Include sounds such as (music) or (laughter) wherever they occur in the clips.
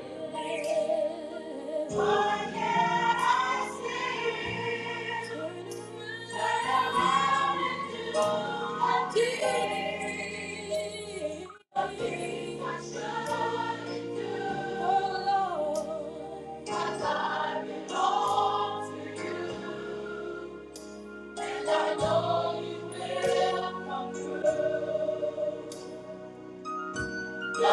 Thank you. What can I say? Turn around and do a deed. A deed I shouldn't do. Oh, Lord, my life belongs to you, and I know you will come through. How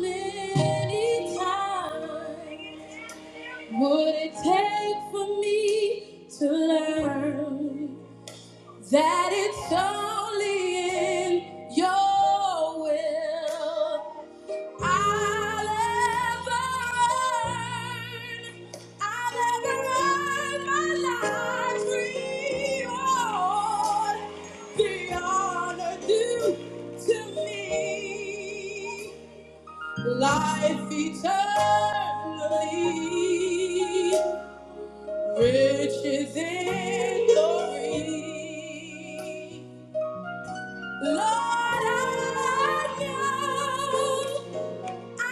many times would it take for me to learn? that it's only in your will. I'll ever, earn, I'll ever earn my life's reward. The honor due to me, life eternally, riches in glory. Lord, I know I know I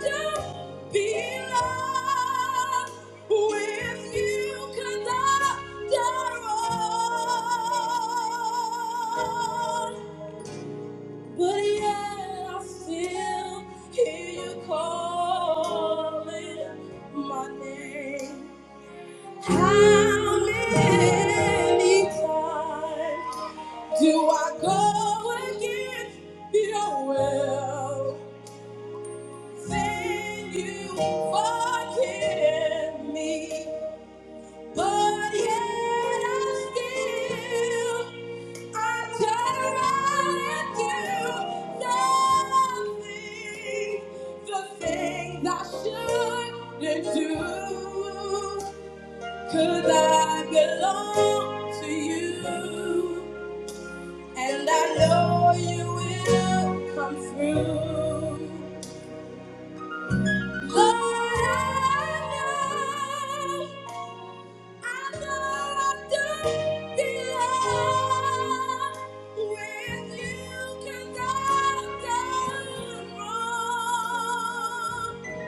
don't belong with you 'cause I'm not wrong. But yet I still hear you calling my name. How many times? Do I go against your will? Then you forgive me. But yet I still, I turn around and do nothing. The things I shouldn't do. Cause I belong to you. And I know you will come through. Lord, I know, I know I don't belong. When you can go, go wrong.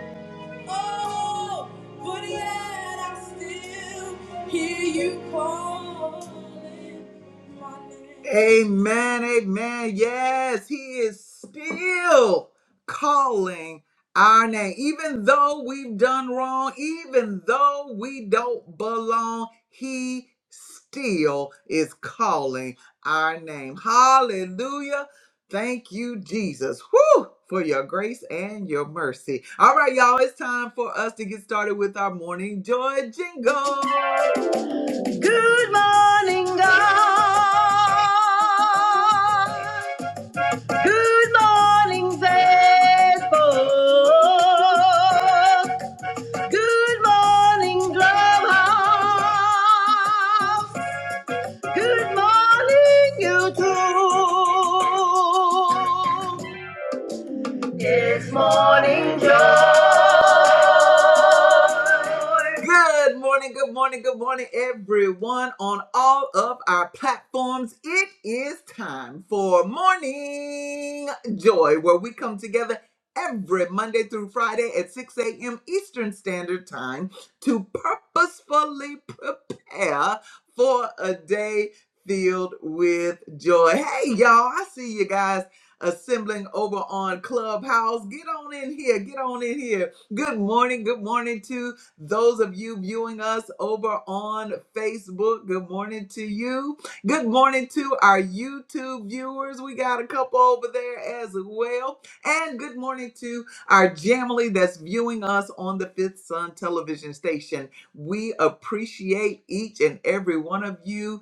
Oh, but yet I still hear you calling my name. Amen, amen. Yes, he is still calling our name. Even though we've done wrong, even though we don't belong, he still is calling our name. Hallelujah. Thank you, Jesus. Whew, for your grace and your mercy. All right, y'all, it's time for us to get started with our morning joy jingle. Good morning, God. Good morning, Facebook. Good morning, Clubhouse. Good morning, YouTube. Morning Good morning, good morning, good morning, everyone on all of our platforms. It is time for Morning Joy, where we come together every Monday through Friday at 6 a.m. Eastern Standard Time to purposefully prepare for a day filled with joy. Hey, y'all, I see you guys assembling over on Clubhouse. Get on in here, get on in here. Good morning, good morning to those of you viewing us over on Facebook, good morning to you. Good morning to our YouTube viewers. We got a couple over there as well. And good morning to our Jamily that's viewing us on the Fifth Sun television station. We appreciate each and every one of you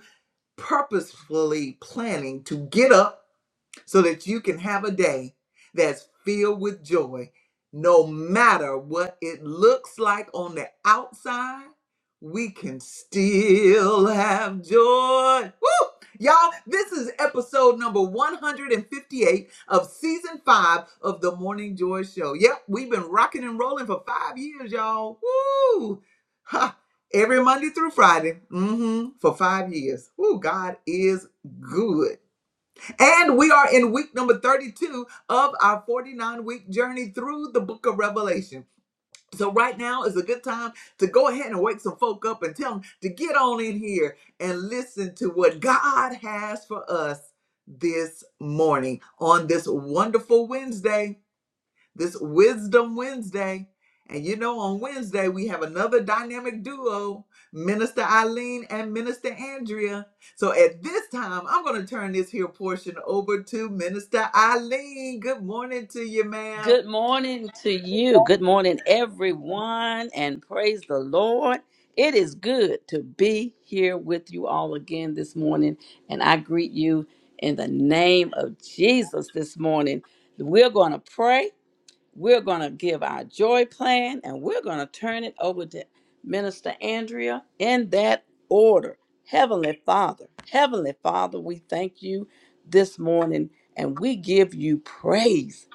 purposefully planning to get up so that you can have a day that's filled with joy, no matter what it looks like on the outside. We can still have joy. Woo! Y'all, this is episode number 158 of season five of the Morning Joy Show. Yep, we've been rocking and rolling for five years, y'all. Woo! Ha! Every Monday through Friday, mm hmm for five years. Woo, God is good. And we are in week number 32 of our 49 week journey through the book of Revelation. So, right now is a good time to go ahead and wake some folk up and tell them to get on in here and listen to what God has for us this morning on this wonderful Wednesday this Wisdom Wednesday. And you know, on Wednesday, we have another dynamic duo, Minister Eileen and Minister Andrea. So at this time, I'm going to turn this here portion over to Minister Eileen. Good morning to you, ma'am. Good morning to you. Good morning, everyone, and praise the Lord. It is good to be here with you all again this morning, and I greet you in the name of Jesus this morning. We're going to pray we're going to give our joy plan and we're going to turn it over to Minister Andrea in that order. Heavenly Father, Heavenly Father, we thank you this morning and we give you praise.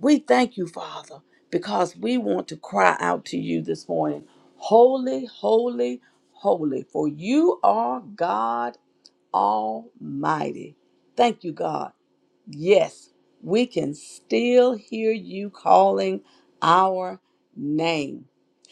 We thank you, Father, because we want to cry out to you this morning. Holy, holy, holy, for you are God Almighty. Thank you, God Yes, we can still hear you calling our name.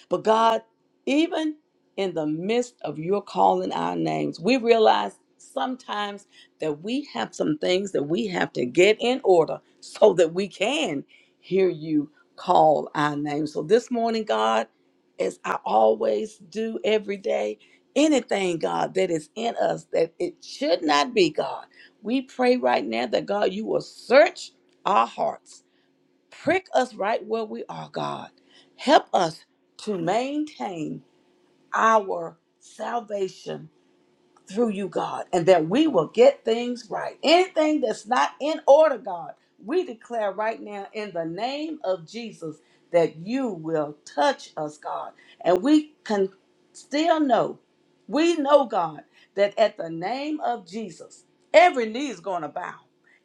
But God, even in the midst of your calling our names, we realize sometimes that we have some things that we have to get in order so that we can hear you call our name. So this morning, God, as I always do every day, anything, God, that is in us that it should not be, God, we pray right now that, God, you will search our hearts Prick us right where we are, God. Help us to maintain our salvation through you, God, and that we will get things right. Anything that's not in order, God, we declare right now in the name of Jesus that you will touch us, God. And we can still know, we know, God, that at the name of Jesus, every knee is going to bow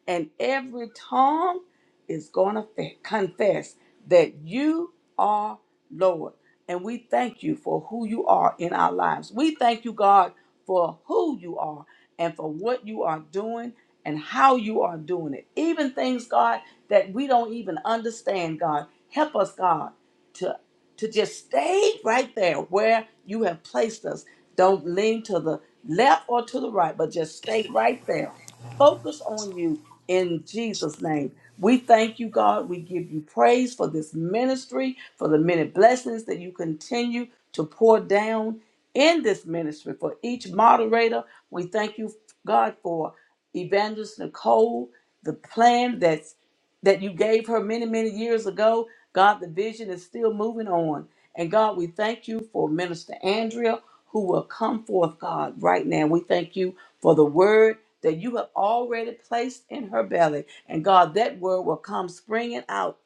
and every tongue is going to fe- confess that you are Lord. And we thank you for who you are in our lives. We thank you, God for who you are and for what you are doing and how you are doing it. Even things, God, that we don't even understand, God. Help us, God, to to just stay right there where you have placed us. Don't lean to the left or to the right, but just stay right there. Focus on you in Jesus' name. We thank you, God. We give you praise for this ministry, for the many blessings that you continue to pour down in this ministry for each moderator. We thank you, God, for Evangelist Nicole, the plan that's that you gave her many, many years ago. God, the vision is still moving on. And God, we thank you for Minister Andrea, who will come forth, God, right now. We thank you for the word that you have already placed in her belly. And God, that word will come springing out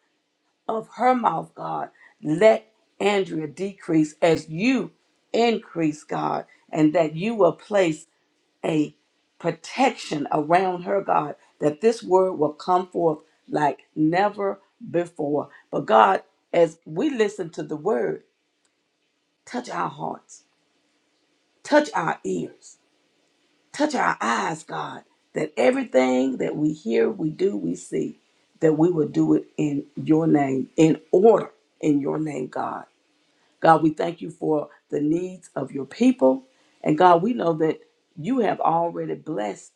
of her mouth, God. Let Andrea decrease as you increase, God, and that you will place a protection around her, God, that this word will come forth like never before. But God, as we listen to the word, touch our hearts, touch our ears, touch our eyes, God, that everything that we hear, we do, we see, that we will do it in your name, in order, in your name, God. God, we thank you for the needs of your people. And God, we know that you have already blessed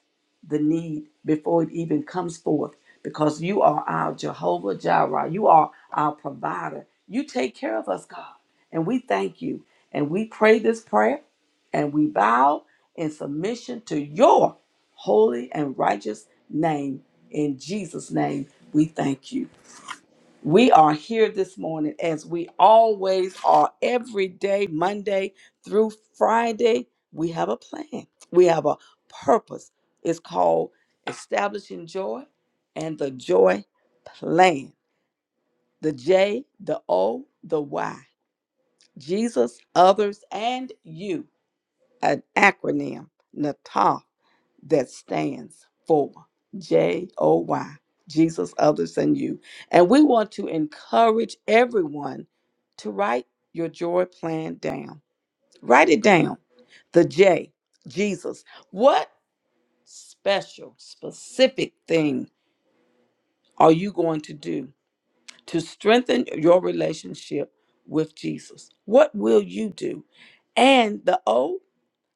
the need before it even comes forth because you are our Jehovah Jireh. You are our provider. You take care of us, God. And we thank you. And we pray this prayer and we bow in submission to your holy and righteous name. In Jesus' name, we thank you. We are here this morning as we always are every day, Monday through Friday. We have a plan, we have a purpose. It's called Establishing Joy and the Joy Plan. The J, the O, the Y. Jesus, others, and you. An acronym, NATA that stands for J O Y, Jesus, others, and you. And we want to encourage everyone to write your joy plan down. Write it down. The J, Jesus. What special, specific thing are you going to do to strengthen your relationship with Jesus? What will you do? And the O,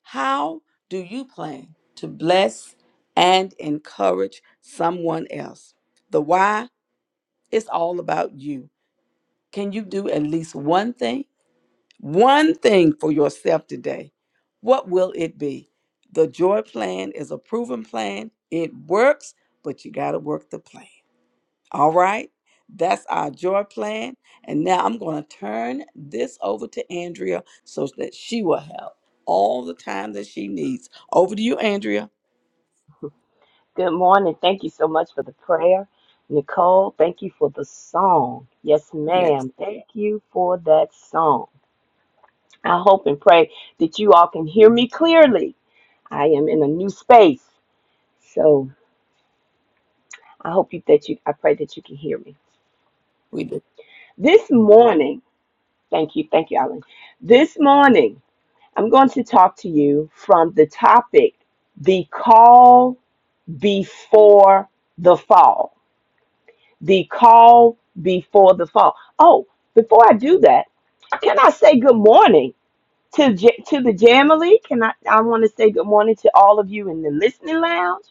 how do you plan to bless and encourage someone else? The why is all about you. Can you do at least one thing? One thing for yourself today. What will it be? The joy plan is a proven plan. It works, but you got to work the plan. All right. That's our joy plan. And now I'm going to turn this over to Andrea so that she will have all the time that she needs. Over to you, Andrea. Good morning. Thank you so much for the prayer. Nicole, thank you for the song. Yes, Yes, ma'am. Thank you for that song. I hope and pray that you all can hear me clearly. I am in a new space. So I hope you, that you, I pray that you can hear me. we do. This morning, thank you, thank you, Alan. This morning, I'm going to talk to you from the topic, the call before the fall the call before the fall. Oh, before I do that, can I say good morning to J- to the Jamily? Can I? I want to say good morning to all of you in the listening lounge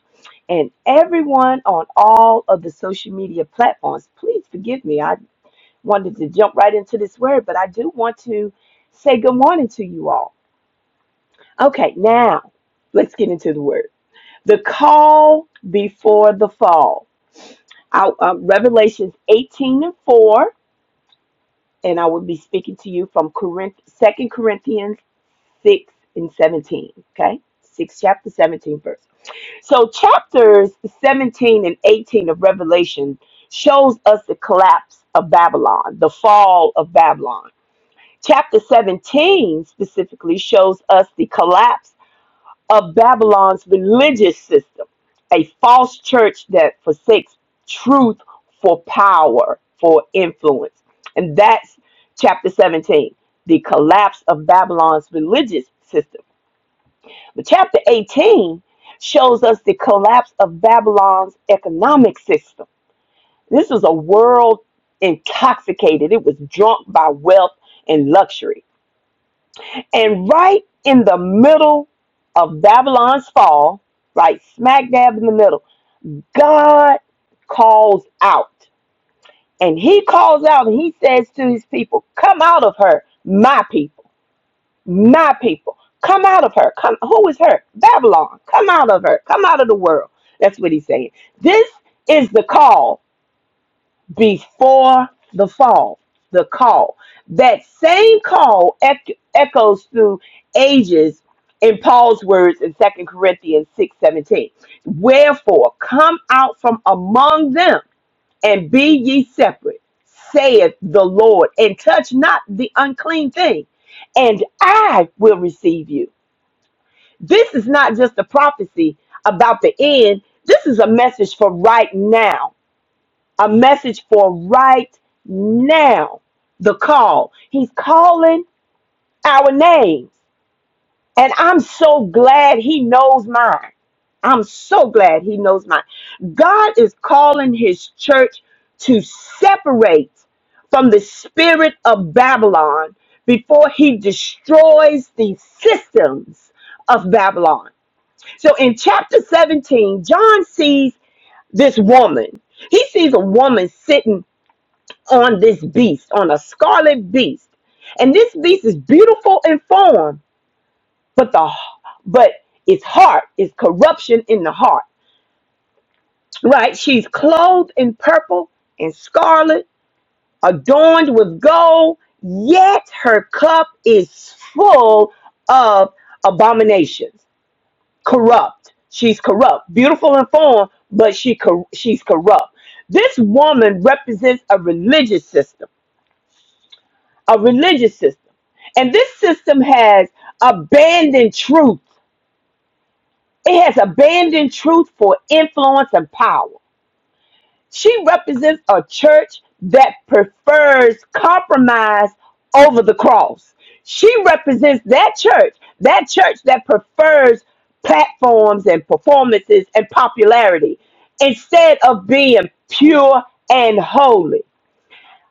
and everyone on all of the social media platforms. Please forgive me. I wanted to jump right into this word, but I do want to say good morning to you all. Okay, now let's get into the word. The call before the fall. Our, um, Revelations 18 and 4 and I will be speaking to you from Corinth, 2 Corinthians 6 and 17. Okay? 6 chapter 17 verse. So chapters 17 and 18 of Revelation shows us the collapse of Babylon, the fall of Babylon. Chapter 17 specifically shows us the collapse of Babylon's religious system, a false church that forsakes truth for power, for influence. And that's chapter 17, the collapse of Babylon's religious system. But chapter 18 shows us the collapse of Babylon's economic system. This was a world intoxicated, it was drunk by wealth and luxury. And right in the middle of Babylon's fall, right smack dab in the middle, God calls out. And he calls out and he says to his people, Come out of her, my people, my people. Come out of her. Come who is her? Babylon. Come out of her. Come out of the world. That's what he's saying. This is the call before the fall, the call. That same call ec- echoes through ages in Paul's words in Second Corinthians 6 17. Wherefore, come out from among them and be ye separate, saith the Lord, and touch not the unclean thing, and I will receive you. This is not just a prophecy about the end, this is a message for right now a message for right now. The call. He's calling our names. And I'm so glad he knows mine. I'm so glad he knows mine. God is calling his church to separate from the spirit of Babylon before he destroys the systems of Babylon. So in chapter 17, John sees this woman. He sees a woman sitting on this beast, on a scarlet beast. And this beast is beautiful in form, but the but its heart is corruption in the heart. Right? She's clothed in purple and scarlet, adorned with gold, yet her cup is full of abominations. Corrupt. She's corrupt. Beautiful in form, but she cor- she's corrupt. This woman represents a religious system a religious system. And this system has abandoned truth. It has abandoned truth for influence and power. She represents a church that prefers compromise over the cross. She represents that church, that church that prefers platforms and performances and popularity instead of being pure and holy.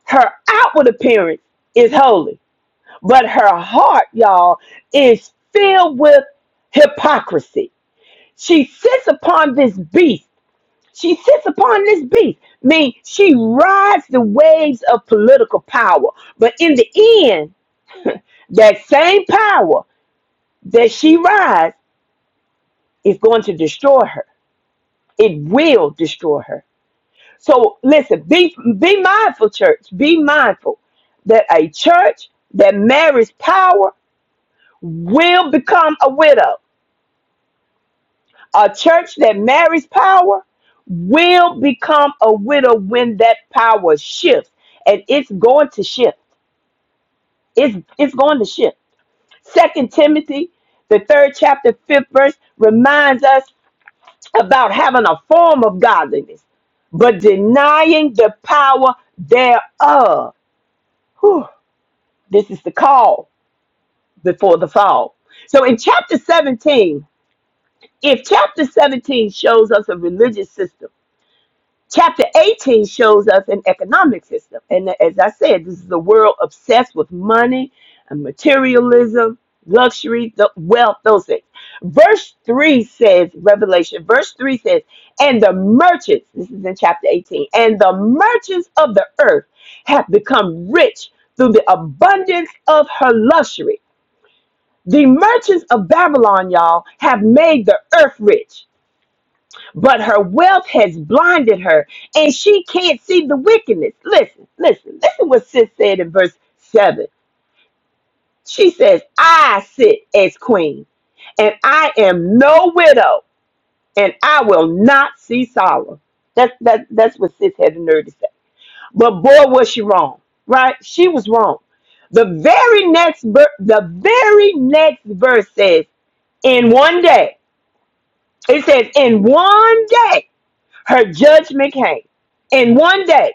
Her outward appearance is holy but her heart, y'all, is filled with hypocrisy. She sits upon this beast. She sits upon this beast. I Mean she rides the waves of political power. But in the end, that same power that she rides is going to destroy her. It will destroy her. So listen, be be mindful, church. Be mindful that a church that marries power will become a widow. A church that marries power will become a widow when that power shifts. And it's going to shift. It's it's going to shift. Second Timothy, the third chapter, fifth verse, reminds us about having a form of godliness, but denying the power thereof. Whew, this is the call before the fall. So in chapter 17, if chapter 17 shows us a religious system, Chapter 18 shows us an economic system. And as I said, this is a world obsessed with money and materialism, luxury, the wealth, those things. Verse 3 says, Revelation, verse 3 says, and the merchants, this is in chapter 18, and the merchants of the earth have become rich through the abundance of her luxury. The merchants of Babylon, y'all, have made the earth rich but her wealth has blinded her and she can't see the wickedness. Listen, listen, listen what Sis said in verse 7. She says, I sit as queen and I am no widow and I will not see sorrow. That's, that, that's what Sis had the nerve to say. But boy, was she wrong, right? She was wrong. The very next ver- the very next verse says, in one day. It says, in one day. Her judgment came. And one day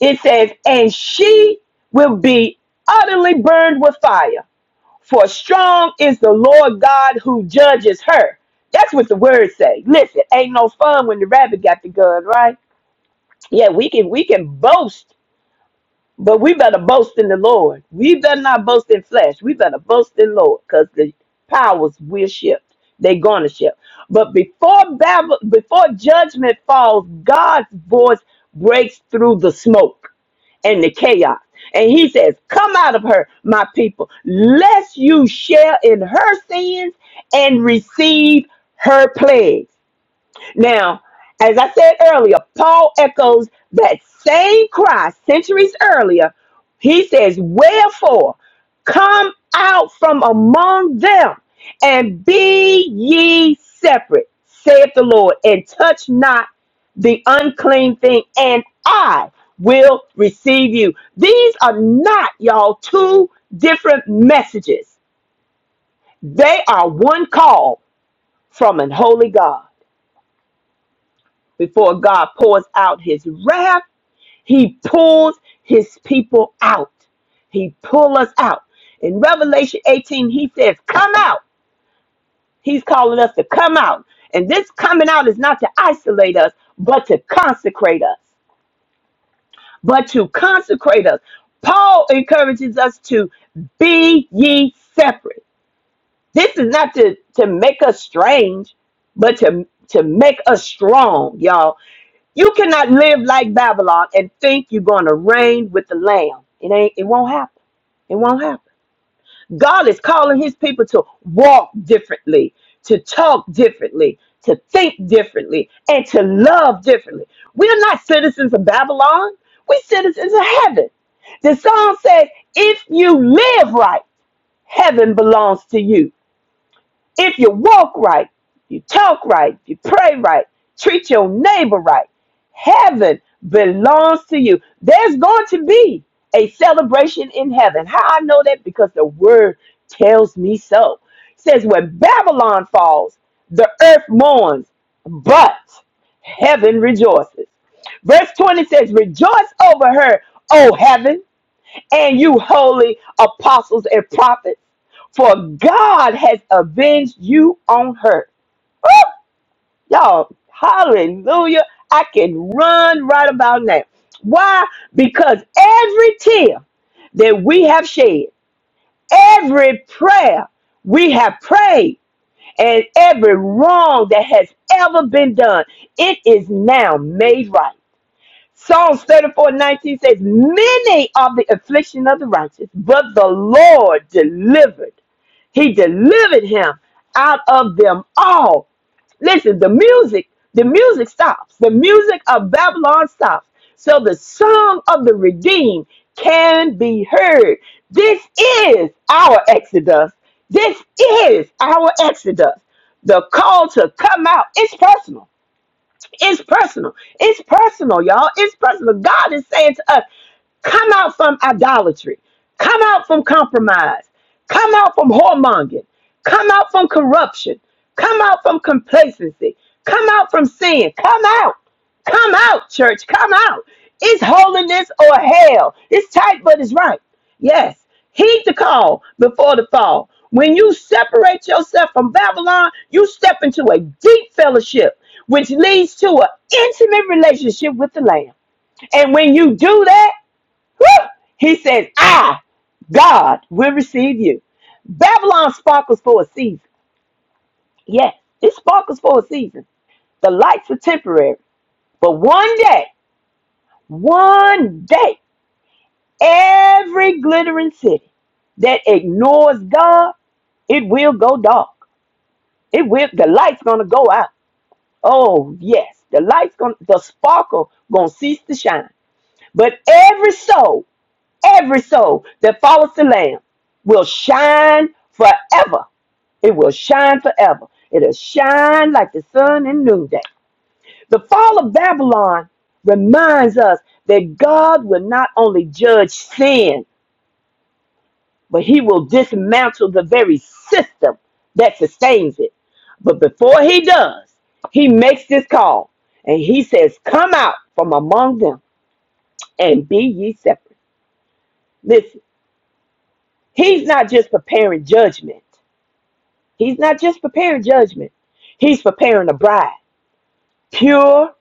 it says, and she will be utterly burned with fire. For strong is the Lord God who judges her. That's what the words say. Listen, ain't no fun when the rabbit got the gun, right? Yeah, we can we can boast But we better boast in the Lord. We better not boast in flesh. We better boast in Lord because the powers will shift. They're going to shift. But before Babel, before judgment falls, God's voice breaks through the smoke and the chaos. And he says, Come out of her, my people, lest you share in her sins and receive her plagues. Now, as I said earlier, Paul echoes that same cry centuries earlier. He says, Wherefore, come out from among them and be ye separate, saith the Lord, and touch not the unclean thing, and I will receive you. These are not, y'all, two different messages. They are one call from an holy God. Before God pours out his wrath, he pulls his people out. He pull us out. In Revelation 18, he says, Come out. He's calling us to come out. And this coming out is not to isolate us, but to consecrate us. But to consecrate us. Paul encourages us to be ye separate. This is not to, to make us strange, but to, to make us strong, y'all You cannot live like Babylon and think you're going to reign with the Lamb. It ain't. It won't happen. It won't happen. God is calling His people to walk differently, to talk differently, to think differently, and to love differently. We're not citizens of Babylon. We're citizens of heaven. The song says, "If you live right, heaven belongs to you." If you walk right, you talk right, you pray right, treat your neighbor right, heaven belongs to you. There's going to be a celebration in heaven. How I know that? Because the word tells me so. It says, When Babylon falls, the earth mourns, but heaven rejoices. Verse 20 says, Rejoice over her, O heaven and you holy apostles and prophets, for God has avenged you on her. Woo! Y'all, hallelujah. I can run right about now. Why? Because every tear that we have shed, every prayer we have prayed, and every wrong that has ever been done, it is now made right. Psalms 34, 19 says, Many are the affliction of the righteous, but the Lord delivered. He delivered him out of them all. Listen, the music, the music stops. The music of Babylon stops. So the song of the redeemed can be heard. This is our Exodus. This is our Exodus. The call to come out. It's personal. It's personal. It's personal, y'all. It's personal. God is saying to us, come out from idolatry, come out from compromise, come out from whoremongering, come out from corruption, come out from complacency, come out from sin, come out, come out, church, come out. It's holiness or hell. It's tight, but it's right. Yes, heed the call before the fall. When you separate yourself from Babylon, you step into a deep fellowship, which leads to an intimate relationship with the Lamb. And when you do that, whew, he says, I, God, will receive you. Babylon sparkles for a season. Yes, it sparkles for a season. The lights are temporary. But one day, one day, every glittering city that ignores God It will go dark. It will the light's gonna go out. Oh yes, the light's gonna the sparkle gonna cease to shine. But every soul, every soul that follows the Lamb will shine forever. It will shine forever. It'll shine like the sun in noonday. The fall of Babylon reminds us that God will not only judge sin, but he will dismantle the very system that sustains it. But before he does, he makes this call and he says, Come out from among them and be ye separate. Listen, he's not just preparing judgment, he's not just preparing judgment, he's preparing a bride, pure,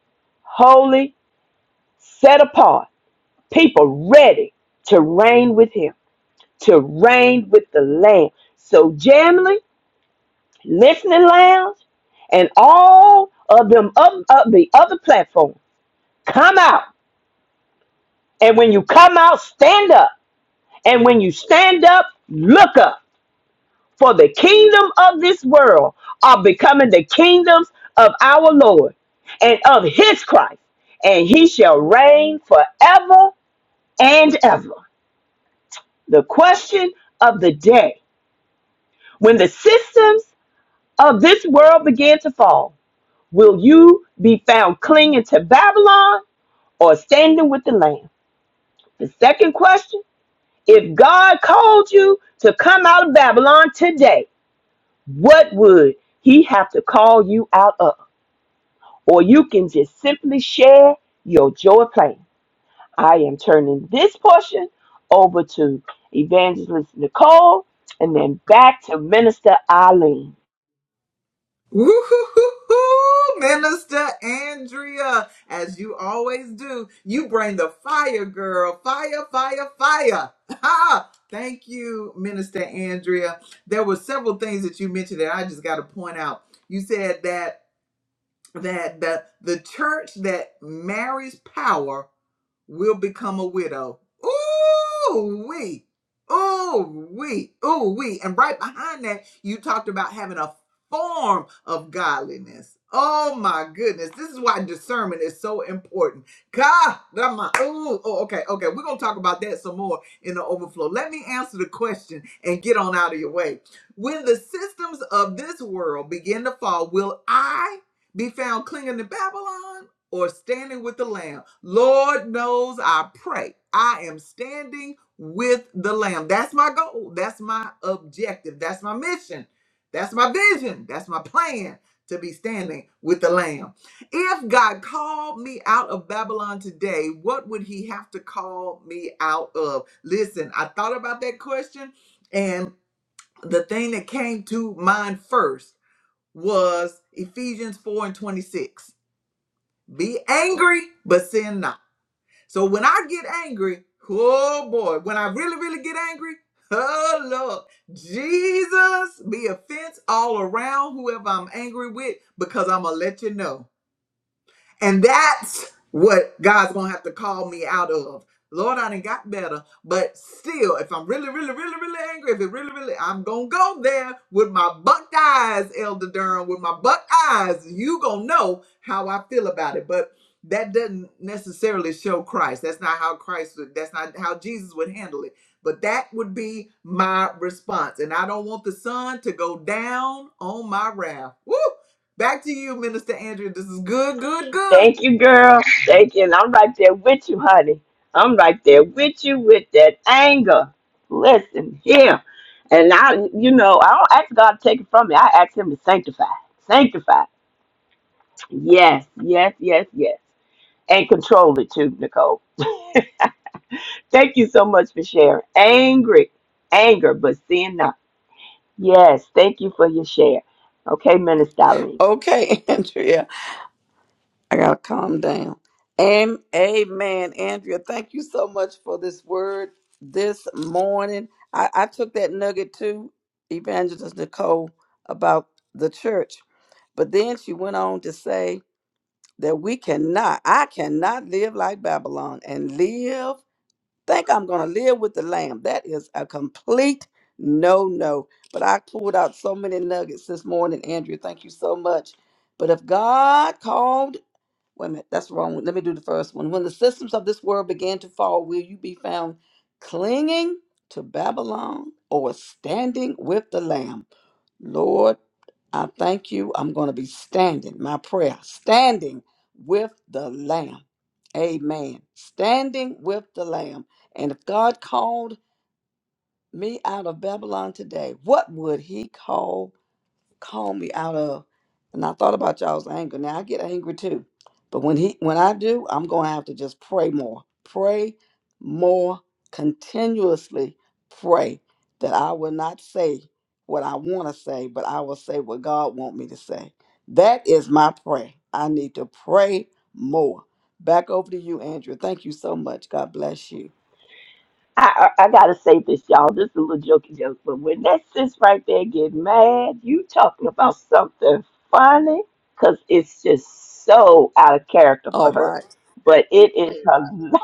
holy, set apart, people ready to reign with him, to reign with the Lamb. So, Jamily. Listening Lounge, and all of them up, up the other platforms, Come out. And when you come out, stand up. And when you stand up, look up. For the kingdom of this world are becoming the kingdoms of our Lord and of his Christ. And he shall reign forever and ever. The question of the day when the systems of this world begin to fall, will you be found clinging to Babylon or standing with the Lamb. The second question if God called you to come out of Babylon today, what would he have to call you out of? Or you can just simply share your joy plan. I am turning this portion over to Evangelist Nicole and then back to Minister Eileen. Woo-hoo-hoo-hoo, Minister Andrea, as you always do, you bring the fire, girl. Fire, fire, fire. Ha! Thank you, Minister Andrea. There were several things that you mentioned that I just got to point out. You said that that the, the church that marries power will become a widow. Ooh, we. Ooh, we. Ooh, we. And right behind that, you talked about having a form of godliness. Oh my goodness. This is why discernment is so important. God, my ooh, oh, okay, okay. We're gonna talk about that some more in the overflow. Let me answer the question and get on out of your way. When the systems of this world begin to fall, will I be found clinging to Babylon? or standing with the Lamb. Lord knows I pray. I am standing with the Lamb. That's my goal. That's my objective. That's my mission. That's my vision. That's my plan to be standing with the Lamb. If God called me out of Babylon today, what would He have to call me out of? Listen, I thought about that question, and the thing that came to mind first was Ephesians 4 and 26 be angry, but sin not. So when I get angry, oh boy, when I really, really get angry, oh Lord, Jesus, be offense all around whoever I'm angry with because I'm going to let you know. And that's what God's gonna have to call me out of. Lord, I done got better, but still, if I'm really, really, really, really angry, if it really, really, I'm gonna go there with my bucked eyes, Elder Durham, with my bucked eyes. You gonna know how I feel about it, but that doesn't necessarily show Christ. That's not how Christ would. That's not how Jesus would handle it. But that would be my response, and I don't want the sun to go down on my wrath. Woo! Back to you, Minister Andrea. This is good, good, good. Thank you, girl. Thank you. And I'm right there with you, honey. I'm right there with you with that anger. Listen here. And I, you know, I don't ask God to take it from me. I ask Him to sanctify. Sanctify. Yes, yes, yes, yes. And control it too, Nicole. Thank you so much for sharing. Angry, anger, but sin not. Yes, thank you for your share. Okay, Minister Eileen. Okay, (laughs) Andrea. I got to calm down. Am- Amen. Andrea, thank you so much for this word this morning. I, I took that nugget to Evangelist Nicole about the church. But then she went on to say, that we cannot, I cannot live like Babylon and live, think I'm going to live with the lamb. That is a complete no, no. But I pulled out so many nuggets this morning, Andrea. Thank you so much. But if God called Wait a minute, that's wrong. Let me do the first one. When the systems of this world began to fall, will you be found clinging to Babylon or standing with the Lamb? Lord, I thank you. I'm going to be standing, my prayer, standing with the Lamb. Amen. Standing with the Lamb. And if God called me out of Babylon today, what would he call? called me out of. And I thought about y'all's anger. Now I get angry too. But when he when I do, I'm gonna have to just pray more. Pray more continuously pray that I will not say what I want to say, but I will say what God want me to say. That is my prayer. I need to pray more. Back over to you, Andrew. Thank you so much. God bless you. I, I I gotta say this, y'all. This is a little jokey joke, but when that sis right there get mad, you talking about something funny, cause it's just so out of character for All her. right. But it is hila-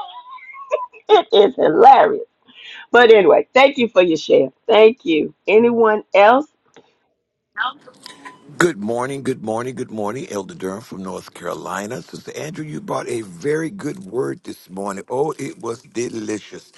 (laughs) it is hilarious. But anyway, thank you for your share. Thank you. Anyone else? Good morning, good morning, good morning, Elder Durham from North Carolina. Sister Andrew, you brought a very good word this morning. Oh, it was delicious.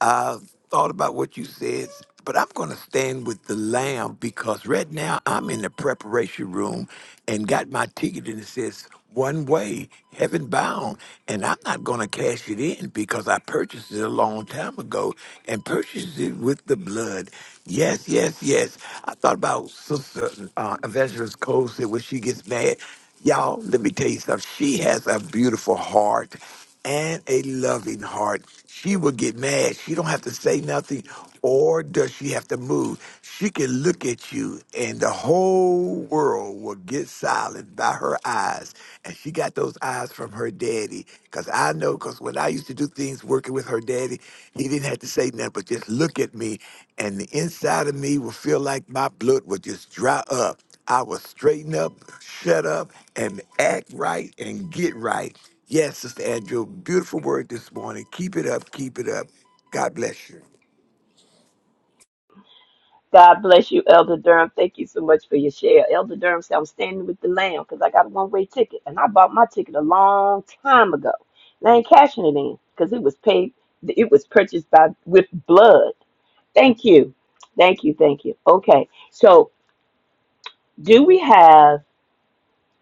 I thought about what you said, but I'm going to stand with the lamb because right now I'm in the preparation room and got my ticket and it says one way, heaven bound, and I'm not going to cash it in because I purchased it a long time ago and purchased it with the blood. Yes, yes, yes. I thought about Sister uh, Evangelist Cole said when she gets mad, y'all, let me tell you something. She has a beautiful heart and a loving heart. She will get mad. She don't have to say nothing, or does she have to move? She can look at you, and the whole world will get silent by her eyes. And she got those eyes from her daddy, cause I know, cause when I used to do things working with her daddy, he didn't have to say nothing, but just look at me, and the inside of me will feel like my blood will just dry up. I will straighten up, shut up, and act right and get right. Yes, Sister Andrew, beautiful word this morning. Keep it up. Keep it up. God bless you. God bless you, Elder Durham. Thank you so much for your share. Elder Durham said, I'm standing with the lamb because I got a one way ticket. And I bought my ticket a long time ago. And I ain't cashing it in because it was paid, it was purchased by with blood. Thank you. Thank you. Thank you. Okay. So, do we have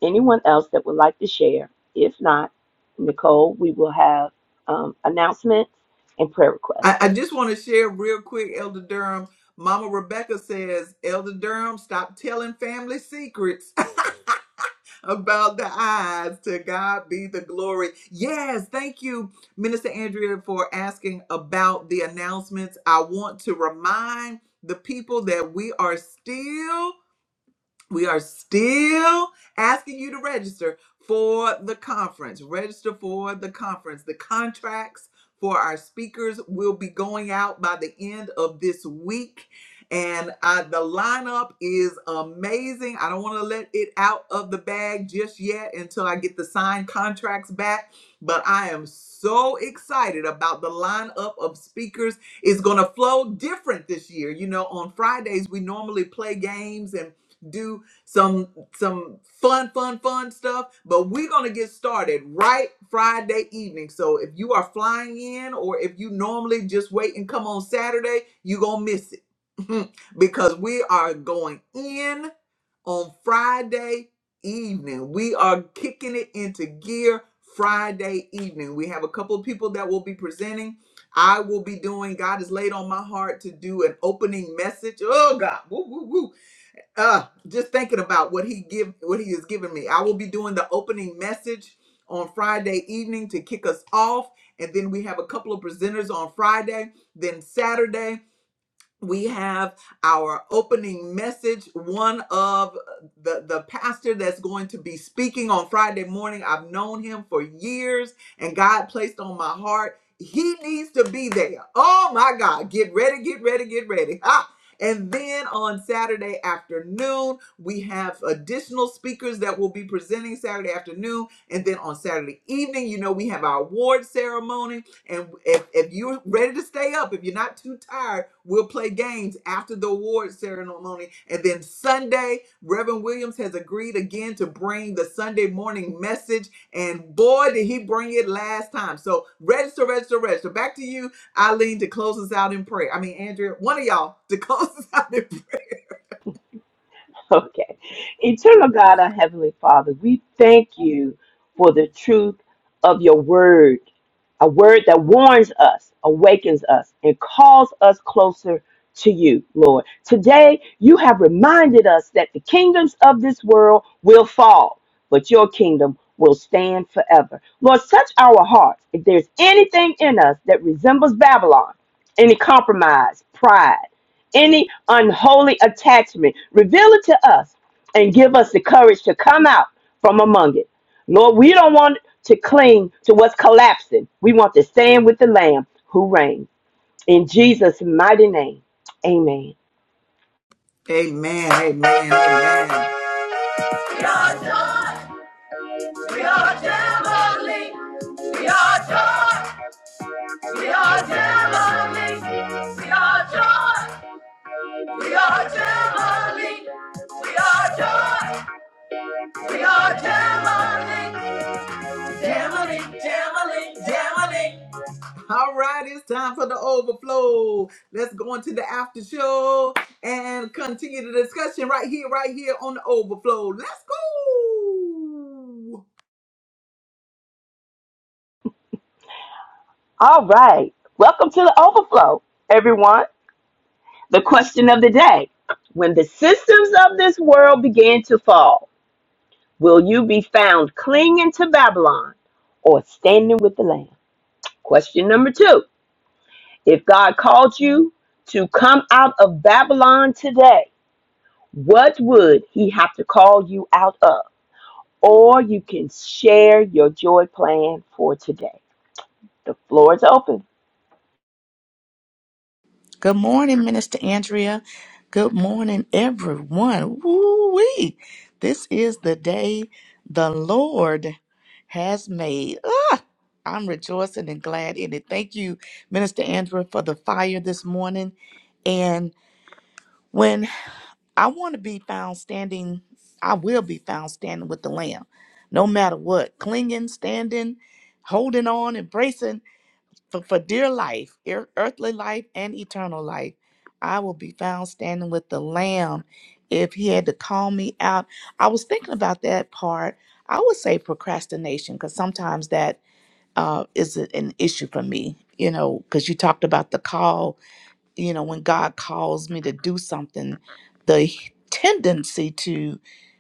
anyone else that would like to share? If not, Nicole, we will have um, announcements and prayer requests. I, I just want to share real quick, Elder Durham. Mama Rebecca says, Elder Durham, stop telling family secrets (laughs) about the eyes. To God be the glory. Yes, thank you, Minister Andrea, for asking about the announcements. I want to remind the people that we are still We are still asking you to register for the conference. Register for the conference. The contracts for our speakers will be going out by the end of this week. And uh, the lineup is amazing. I don't want to let it out of the bag just yet until I get the signed contracts back. But I am so excited about the lineup of speakers. It's going to flow different this year. You know, on Fridays, we normally play games and do some some fun, fun, fun stuff. But we're gonna get started right Friday evening. So if you are flying in, or if you normally just wait and come on Saturday, you gonna miss it (laughs) because we are going in on Friday evening. We are kicking it into gear Friday evening. We have a couple of people that will be presenting. I will be doing, God has laid on my heart to do an opening message. Oh, God. Woo, woo, woo uh just thinking about what he give what he has given me i will be doing the opening message on friday evening to kick us off and then we have a couple of presenters on friday then saturday we have our opening message one of the the pastor that's going to be speaking on friday morning i've known him for years and god placed on my heart he needs to be there oh my god get ready get ready get ready ah. and then on saturday afternoon we have additional speakers that will be presenting saturday afternoon and then on saturday evening you know we have our award ceremony and if, if you're ready to stay up, if you're not too tired, we'll play games after the award ceremony. And then Sunday, Reverend Williams has agreed again to bring the Sunday morning message. And boy, did he bring it last time. So register, register, register. Back to you, Eileen, to close us out in prayer. I mean, Andrea, one of y'all to (laughs) close us out in prayer. (laughs) Okay. Eternal God, our Heavenly Father, we thank you for the truth of your word a word that warns us, awakens us, and calls us closer to you, Lord. Today, you have reminded us that the kingdoms of this world will fall, but your kingdom will stand forever. Lord, touch our hearts. If there's anything in us that resembles Babylon, any compromise, pride, any unholy attachment, reveal it to us and give us the courage to come out from among it Lord, we don't want to cling to what's collapsing. We want to stand with the Lamb who reigns. In Jesus' mighty name, amen. Amen. Amen. Amen. We are joy. We are jubilee. We are joy. We are Jamali. We are joy. We are Jamali. We are joy. We are Jamali. Jamali, Jamali, Jamali. All right, it's time for the overflow. Let's go into the after show and continue the discussion right here, right here on the overflow. Let's go. All right. Welcome to the overflow, everyone. The question of the day When the systems of this world begin to fall, will you be found clinging to Babylon or standing with the Lamb? Question number two If God called you to come out of Babylon today, what would he have to call you out of? or you can share your joy plan for today. The floor is open. Good morning, Minister Andrea. Good morning, everyone. Woo-wee. This is the day the Lord has made. Ah, I'm rejoicing and glad in it. Thank you, Minister Andrea, for the fire this morning. And when I want to be found standing, I will be found standing with the Lamb, no matter what, clinging, standing, holding on, embracing for, for dear life, ear- earthly life, and eternal life, I will be found standing with the Lamb if He had to call me out. I was thinking about that part. I would say procrastination because sometimes that uh, is a- an issue for me, you know, because you talked about the call you know, when God calls me to do something, the tendency to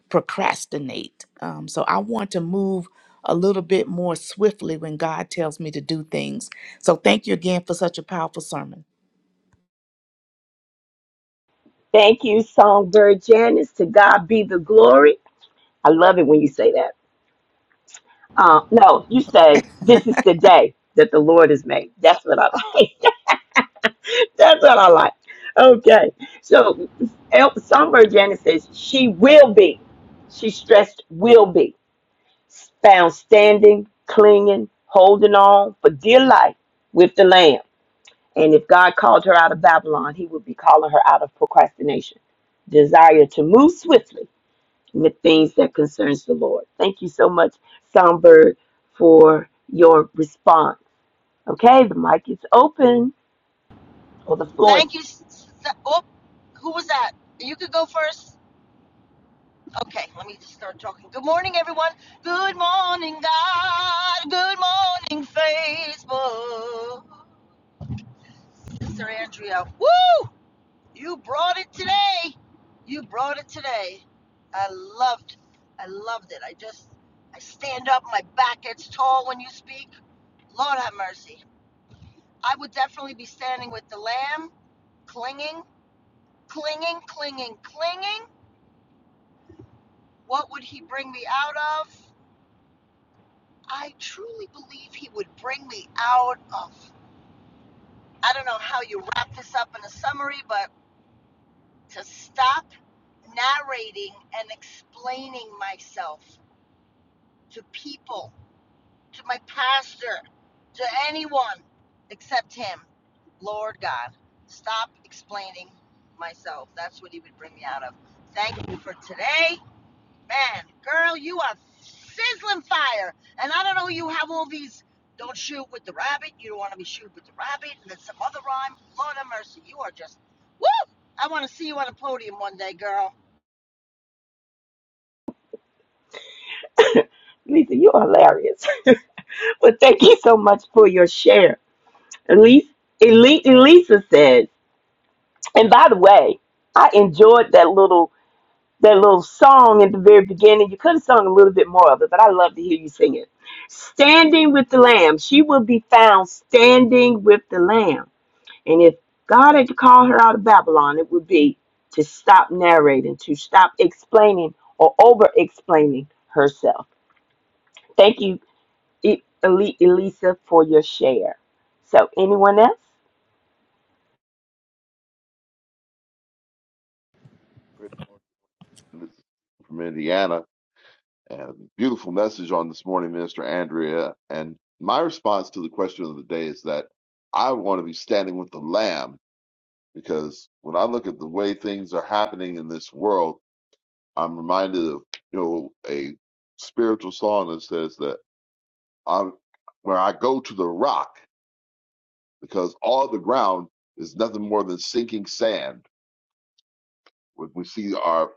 procrastinate. Um, so I want to move a little bit more swiftly when God tells me to do things. So thank you again for such a powerful sermon. Thank you, Songbird Janice. To God be the glory. I love it when you say that. Uh, no, you say, This is the day that the Lord has made. That's what I like. (laughs) That's what I like. Okay. So, El- Songbird Janice says, She will be, she stressed, will be found standing, clinging, holding on for dear life with the Lamb And if God called her out of Babylon, he would be calling her out of procrastination, desire to move swiftly with things that concerns the Lord. Thank you so much, Songbird, for your response. Okay, the mic is open or the floor is Thank you. s- s- Oh, who was that? You could go first. Okay, let me just start talking. Good morning, everyone. Good morning, God. Good morning, Facebook. Sister Andrea, woo! You brought it today. You brought it today. I loved, I loved it. I just, I stand up. My back gets tall when you speak. Lord have mercy. I would definitely be standing with the lamb, clinging, clinging, clinging, clinging. What would he bring me out of? I truly believe he would bring me out of. I don't know how you wrap this up in a summary, but to stop narrating and explaining myself to people, to my pastor, to anyone except him. Lord God, stop explaining myself. That's what he would bring me out of. Thank you for today. Man, girl, you are sizzling fire. And I don't know, you have all these don't shoot with the rabbit, you don't want to be shoot with the rabbit, and then some other rhyme. Lord have mercy, you are just, woo! I want to see you on a podium one day, girl. Lisa, you're hilarious. (laughs) but thank you so much for your share. Elise, Elise, Elisa said, and by the way, I enjoyed that little. that little song at the very beginning. You could have sung a little bit more of it, but I love to hear you sing it. Standing with the Lamb. She will be found standing with the Lamb. And if God had to call her out of Babylon, it would be to stop narrating, to stop explaining or over explaining herself. Thank you, E- Eli- Elisa, for your share. So, anyone else? Chris Lord. from Indiana, and beautiful message on this morning, Minister Andrea. And my response to the question of the day is that I want to be standing with the Lamb because when I look at the way things are happening in this world, I'm reminded of you know a spiritual song that says that I'm where I go to the rock because all the ground is nothing more than sinking sand. When we see our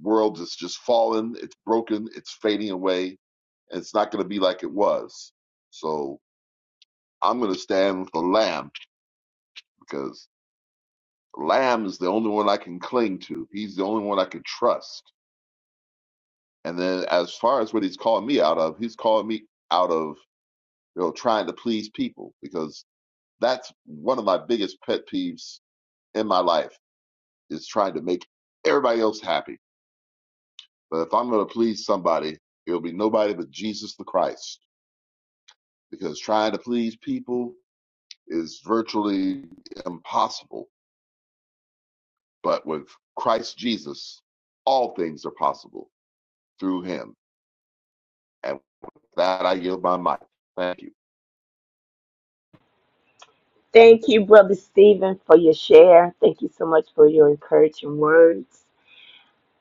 world is just fallen, it's broken, it's fading away, and it's not going to be like it was. So I'm going to stand with the Lamb because Lamb is the only one I can cling to. He's the only one I can trust. And then as far as what he's calling me out of, he's calling me out of you know trying to please people because that's one of my biggest pet peeves in my life is trying to make everybody else happy. But if I'm going to please somebody, it'll be nobody but Jesus the Christ. because trying to please people is virtually impossible. But with Christ Jesus, all things are possible through him. And with that, I yield my mic. Thank you. Thank you, Brother Stephen, for your share. Thank you so much for your encouraging words.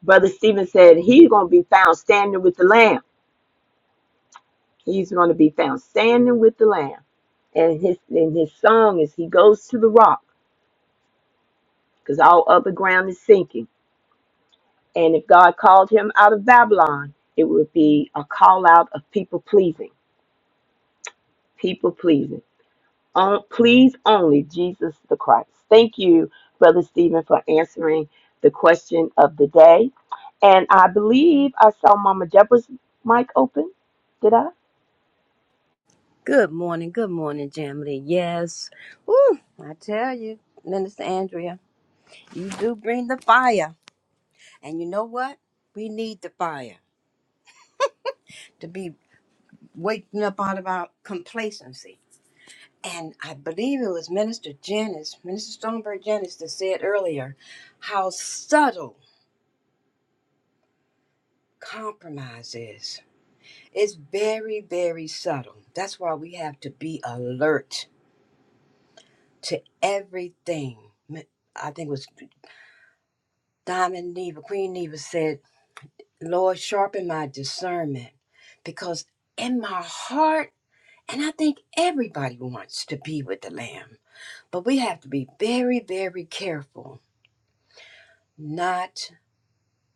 Brother Stephen said he's going to be found standing with the Lamb. He's going to be found standing with the Lamb. And his and his song is he goes to the rock because all other ground is sinking. And if God called him out of Babylon, it would be a call out of people pleasing, people pleasing. On, please only Jesus the Christ. Thank you, Brother Stephen, for answering the question of the day. And I believe I saw Mama Deborah's mic open. Did I? Good morning, good morning, Jamily. Yes. Woo, I tell you, Minister Andrea, you do bring the fire. And you know what? We need the fire to be waking up out of our complacency. And I believe it was Minister Janice, Minister Stoneberg Janice, that said earlier how subtle compromise is. It's very, very subtle. That's why we have to be alert to everything. I think it was. Diamond Neva, Queen Neva said, Lord, sharpen my discernment because in my heart, and I think everybody wants to be with the Lamb, but we have to be very, very careful not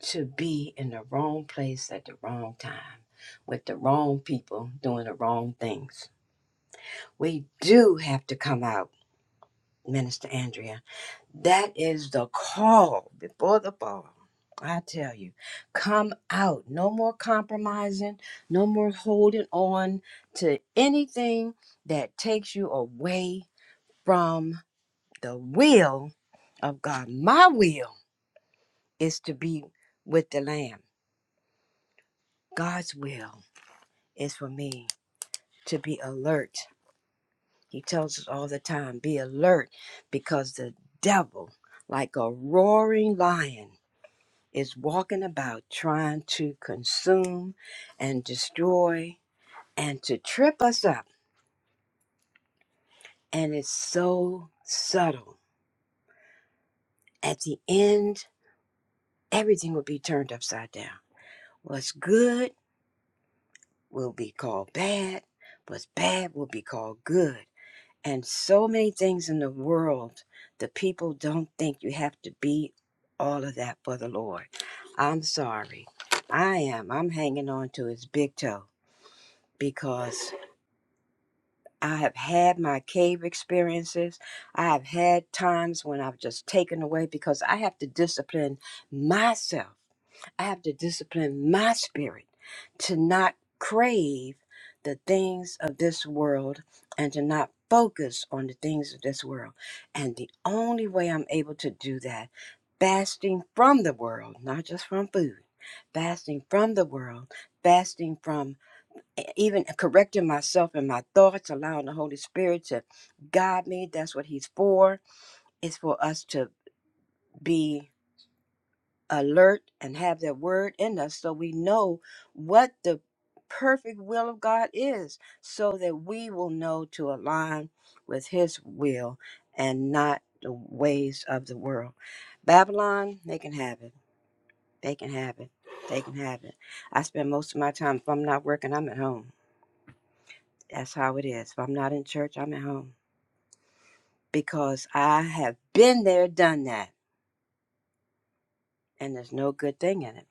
to be in the wrong place at the wrong time with the wrong people doing the wrong things. We do have to come out, Minister Andrea That is the call before the fall. I tell you, come out. No more compromising, no more holding on to anything that takes you away from the will of God. My will is to be with the Lamb, God's will is for me to be alert. He tells us all the time be alert because the devil, like a roaring lion, is walking about trying to consume and destroy and to trip us up. And it's so subtle. At the end, everything will be turned upside down. What's good will be called bad, what's bad will be called good. And so many things in the world, the people don't think you have to be all of that for the Lord. I'm sorry. I am. I'm hanging on to his big toe because I have had my cave experiences. I have had times when I've just taken away because I have to discipline myself. I have to discipline my spirit to not crave the things of this world and to not focus on the things of this world. And the only way I'm able to do that, fasting from the world, not just from food, fasting from the world, fasting from e- even correcting myself and my thoughts, allowing the Holy Spirit to guide me. That's what He's for. It's for us to be alert and have that word in us so we know what the perfect will of God is, so that we will know to align with His will and not the ways of the world. Babylon, they can have it. They can have it. They can have it. I spend most of my time, if I'm not working, I'm at home. That's how it is. If I'm not in church, I'm at home because I have been there, done that, and there's no good thing in it.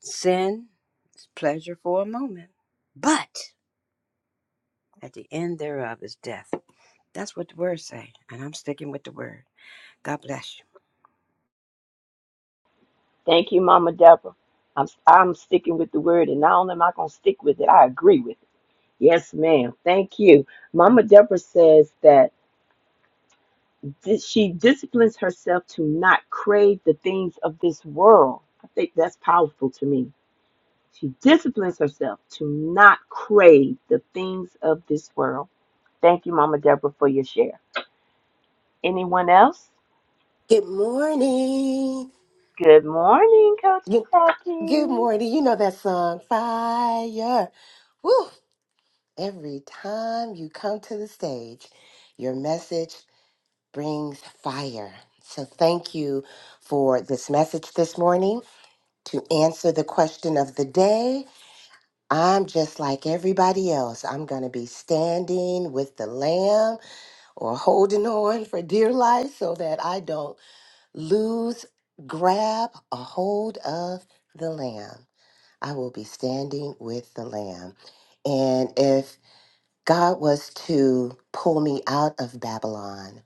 Sin is pleasure for a moment, but at the end thereof is death. That's what the word say, and I'm sticking with the word. God bless you. Thank you, Mama Deborah. I'm I'm sticking with the word, and not only am I gonna stick with it, I agree with it. Yes, ma'am. Thank you. Mama Deborah says that dis- she disciplines herself to not crave the things of this world. I think that's powerful to me. She disciplines herself to not crave the things of this world. Thank you, Mama Deborah, for your share. Anyone else? Good morning. Good morning, Coach Good, good Jackie. morning. You know that song, Fire. Woo! Every time you come to the stage, your message brings fire. So thank you for this message this morning. To answer the question of the day, I'm just like everybody else. I'm going to be standing with the lamb or holding on for dear life so that I don't lose, grab a hold of the Lamb. I will be standing with the Lamb. And if God was to pull me out of Babylon,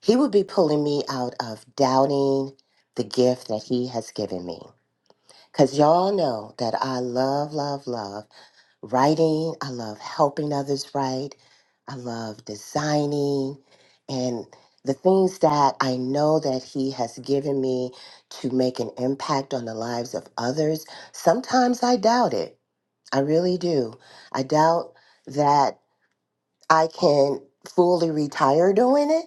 He would be pulling me out of doubting the gift that He has given me. Because y'all know that I love, love, love writing. I love helping others write. I love designing and the things that I know that he has given me to make an impact on the lives of others. Sometimes I doubt it. I really do. I doubt that I can fully retire doing it,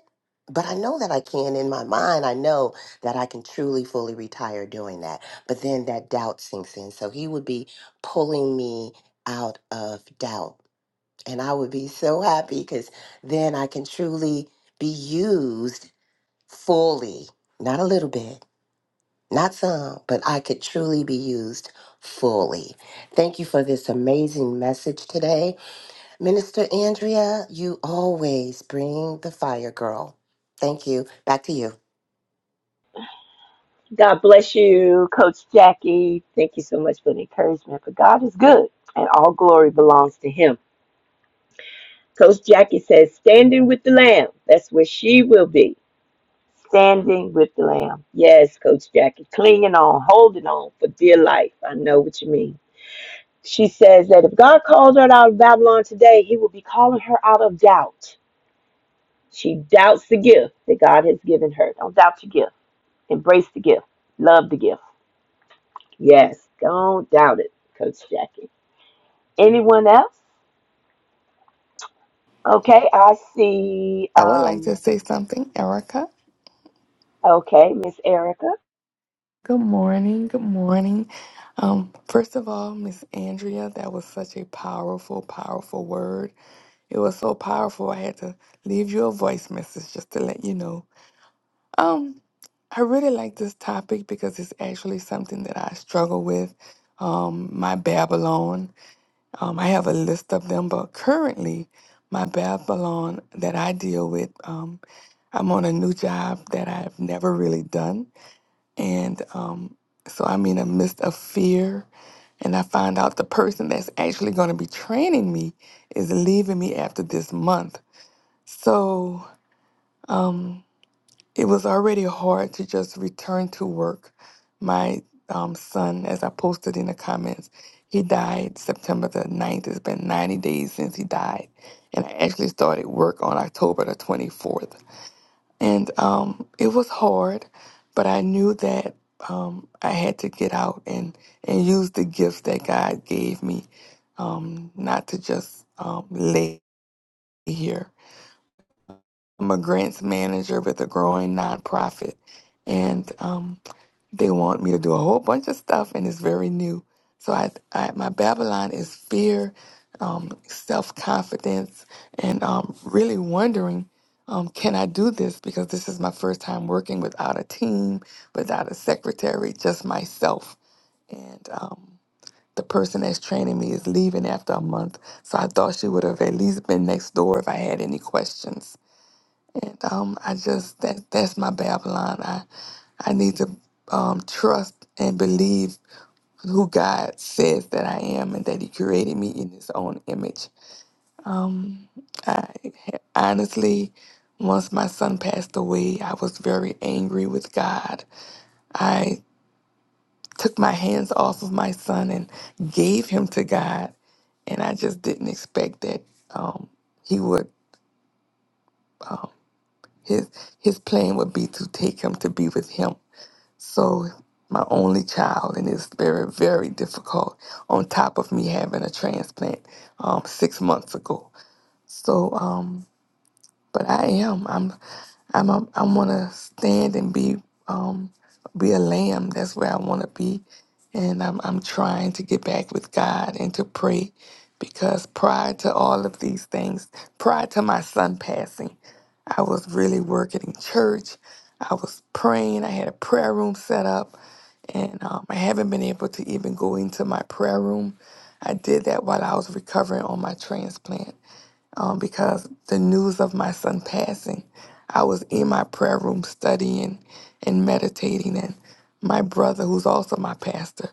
but I know that I can in my mind. I know that I can truly fully retire doing that. But then that doubt sinks in. So he would be pulling me out of doubt. And I would be so happy because then I can truly be used fully, not a little bit, not some, but I could truly be used fully. Thank you for this amazing message today. Minister Andrea, you always bring the fire, girl. Thank you. Back to you. God bless you, Coach Jackie. Thank you so much for the encouragement. For God is good, and all glory belongs to Him. Coach Jackie says, "Standing with the Lamb." That's where she will be. Standing with the Lamb. Yes, Coach Jackie, clinging on, holding on for dear life. I know what you mean. She says that if God calls her out of Babylon today, He will be calling her out of doubt. She doubts the gift that God has given her. Don't doubt your gift. Embrace the gift. Love the gift Yes, don't doubt it, Coach Jackie. Anyone else? Okay, I see. I would like Um, to say something, Erica. okay, Miss Erica. Good morning. Good morning. Um, first of all, Miss Andrea, that was such a powerful, powerful word. It was so powerful. I had to leave you a voice message just to let you know. Um, I really like this topic because it's actually something that I struggle with. Um, my Babylon. Um, I have a list of them, but currently, my Babylon that I deal with. Um, I'm on a new job that I've never really done. And um, so I'm in a midst of fear. And I find out the person that's actually going to be training me is leaving me after this month. So um, it was already hard to just return to work. My um, son, as I posted in the comments, he died September the ninth. It's been 90 days since he died. And I actually started work on October the 24th. And um, it was hard, but I knew that um, I had to get out and, and use the gifts that God gave me, um, not to just um, lay here. I'm a grants manager with a growing nonprofit. And um, they want me to do a whole bunch of stuff, and it's very new. So I, I my Babylon is fear, um, self confidence, and um, really wondering, um, can I do this? Because this is my first time working without a team, without a secretary, just myself. And um, the person that's training me is leaving after a month, so I thought she would have at least been next door if I had any questions. And um, I just that that's my Babylon. I I need to um, trust and believe who God says that I am and that He created me in His own image. Um, I honestly, once my son passed away, I was very angry with God. I took my hands off of my son and gave him to God, and I just didn't expect that um, He would his his plan would be to take him to be with Him So my only child, and it's very, very difficult. On top of me having a transplant um, six months ago, so um, but I am. I'm. I'm. I'm, I want to stand and be. Um. Be a lamb. That's where I want to be, and I'm. I'm trying to get back with God and to pray, because prior to all of these things, prior to my son passing, I was really working in church. I was praying. I had a prayer room set up, and um, I haven't been able to even go into my prayer room. I did that while I was recovering on my transplant um, because the news of my son passing, I was in my prayer room studying and meditating, and my brother, who's also my pastor,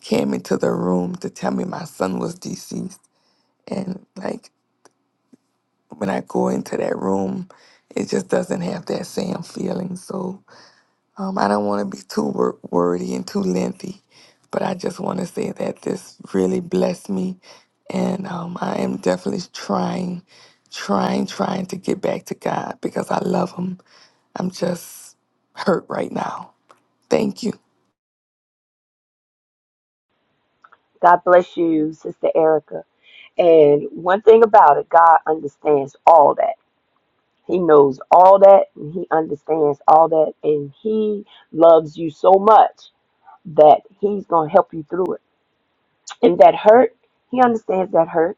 came into the room to tell me my son was deceased. And like when I go into that room, it just doesn't have that same feeling. So um, I don't want to be too wor- wordy and too lengthy, but I just want to say that this really blessed me, and um, I am definitely trying, trying, trying to get back to God because I love Him. I'm just hurt right now. Thank you. God bless you, Sister Erica. And one thing about it, God understands all that. He knows all that, and He understands all that, and He loves you so much that He's going to help you through it. And that hurt, He understands that hurt.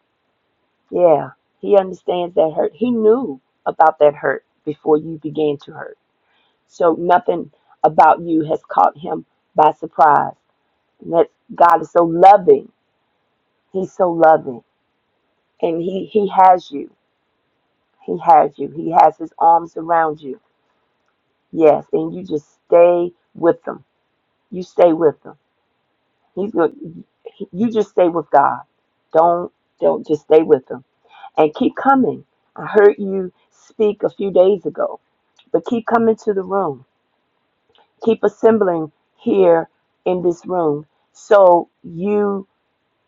Yeah, He understands that hurt. He knew about that hurt before you began to hurt. So nothing about you has caught him by surprise. And that's God is so loving. He's so loving. And he, he has you. He has you. He has his arms around you. Yes. And you just stay with them. You stay with them. He's going you just stay with God. Don't don't just stay with them. And keep coming. I heard you speak a few days ago, but keep coming to the room keep assembling here in this room so you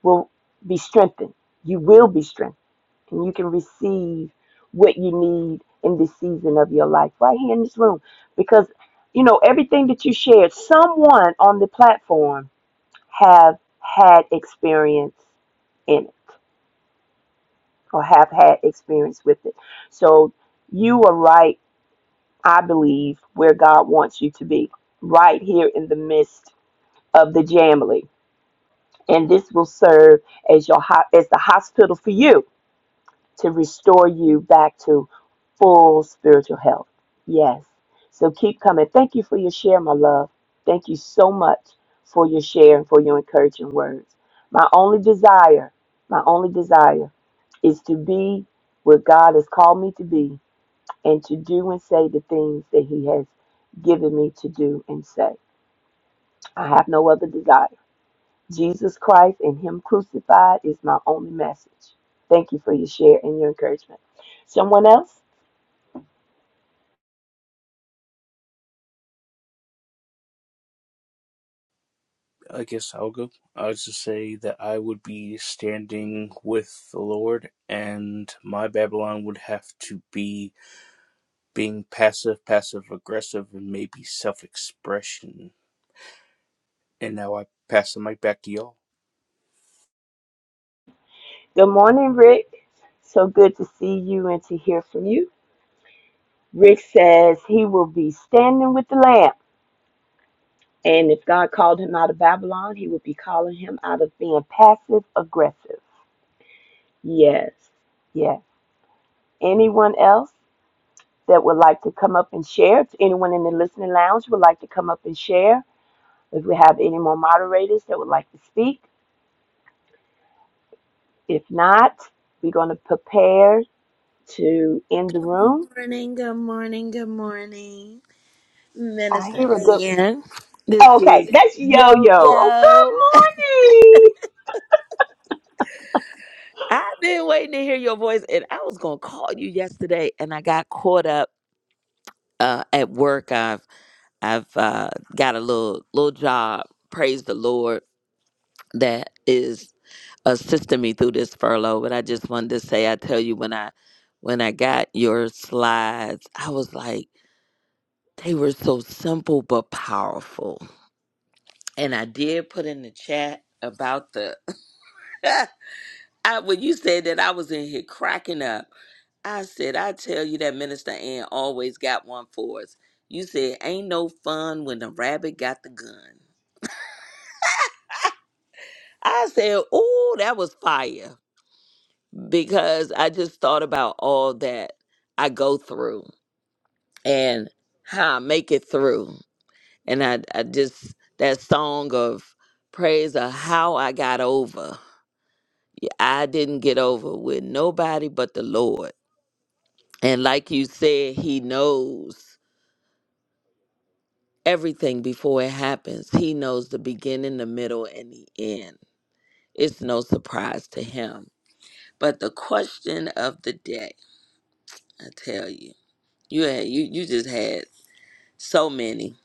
will be strengthened. You will be strengthened and you can receive what you need in this season of your life right here in this room because you know everything that you shared someone on the platform have had experience in it or have had experience with it so you are right i believe where god wants you to be right here in the midst of the jamily and this will serve as your ho- as the hospital for you to restore you back to full spiritual health. Yes. So keep coming. Thank you for your share, my love. Thank you so much for your share and for your encouraging words. My only desire, my only desire is to be what God has called me to be and to do and say the things that He has given me to do and say. I have no other desire. Jesus Christ and Him crucified is my only message. Thank you for your share and your encouragement. Someone else? I guess I'll go. I was to say that I would be standing with the Lord, and my Babylon would have to be being passive, passive aggressive, and maybe self expression. And now I pass the mic back to y'all. Good morning, Rick. So good to see you and to hear from you. Rick says he will be standing with the Lamb. And if God called him out of Babylon, he would be calling him out of being passive aggressive. Yes, yes. Anyone else that would like to come up and share? If anyone in the listening lounge would like to come up and share, if we have any more moderators that would like to speak, If not, we're going to prepare to end the room. morning, good morning, good morning, I Minister hear a good. Ian. This Okay, is that's Yo Yo Yo. Oh, Yo. good morning. I've been waiting to hear your voice, and I was gonna call you yesterday, and I got caught up uh, at work. I've I've uh, got a little little job. Praise the Lord that is assisting me through this furlough. But I just wanted to say, I tell you when I when I got your slides, I was like, they were so simple but powerful and I did put in the chat about the (laughs) I, when you said that I was in here cracking up. I said, I tell you that Minister Ann always got one for us. You said, ain't no fun when the rabbit got the gun. I said, oh, that was fire because I just thought about all that I go through and how I make it through. And I, I just, that song of praise of how I got over I didn't get over with nobody but the Lord. And like you said, He knows everything before it happens. He knows the beginning, the middle, and the end. It's no surprise to Him. But the question of the day, I tell you, you had you you just had so many.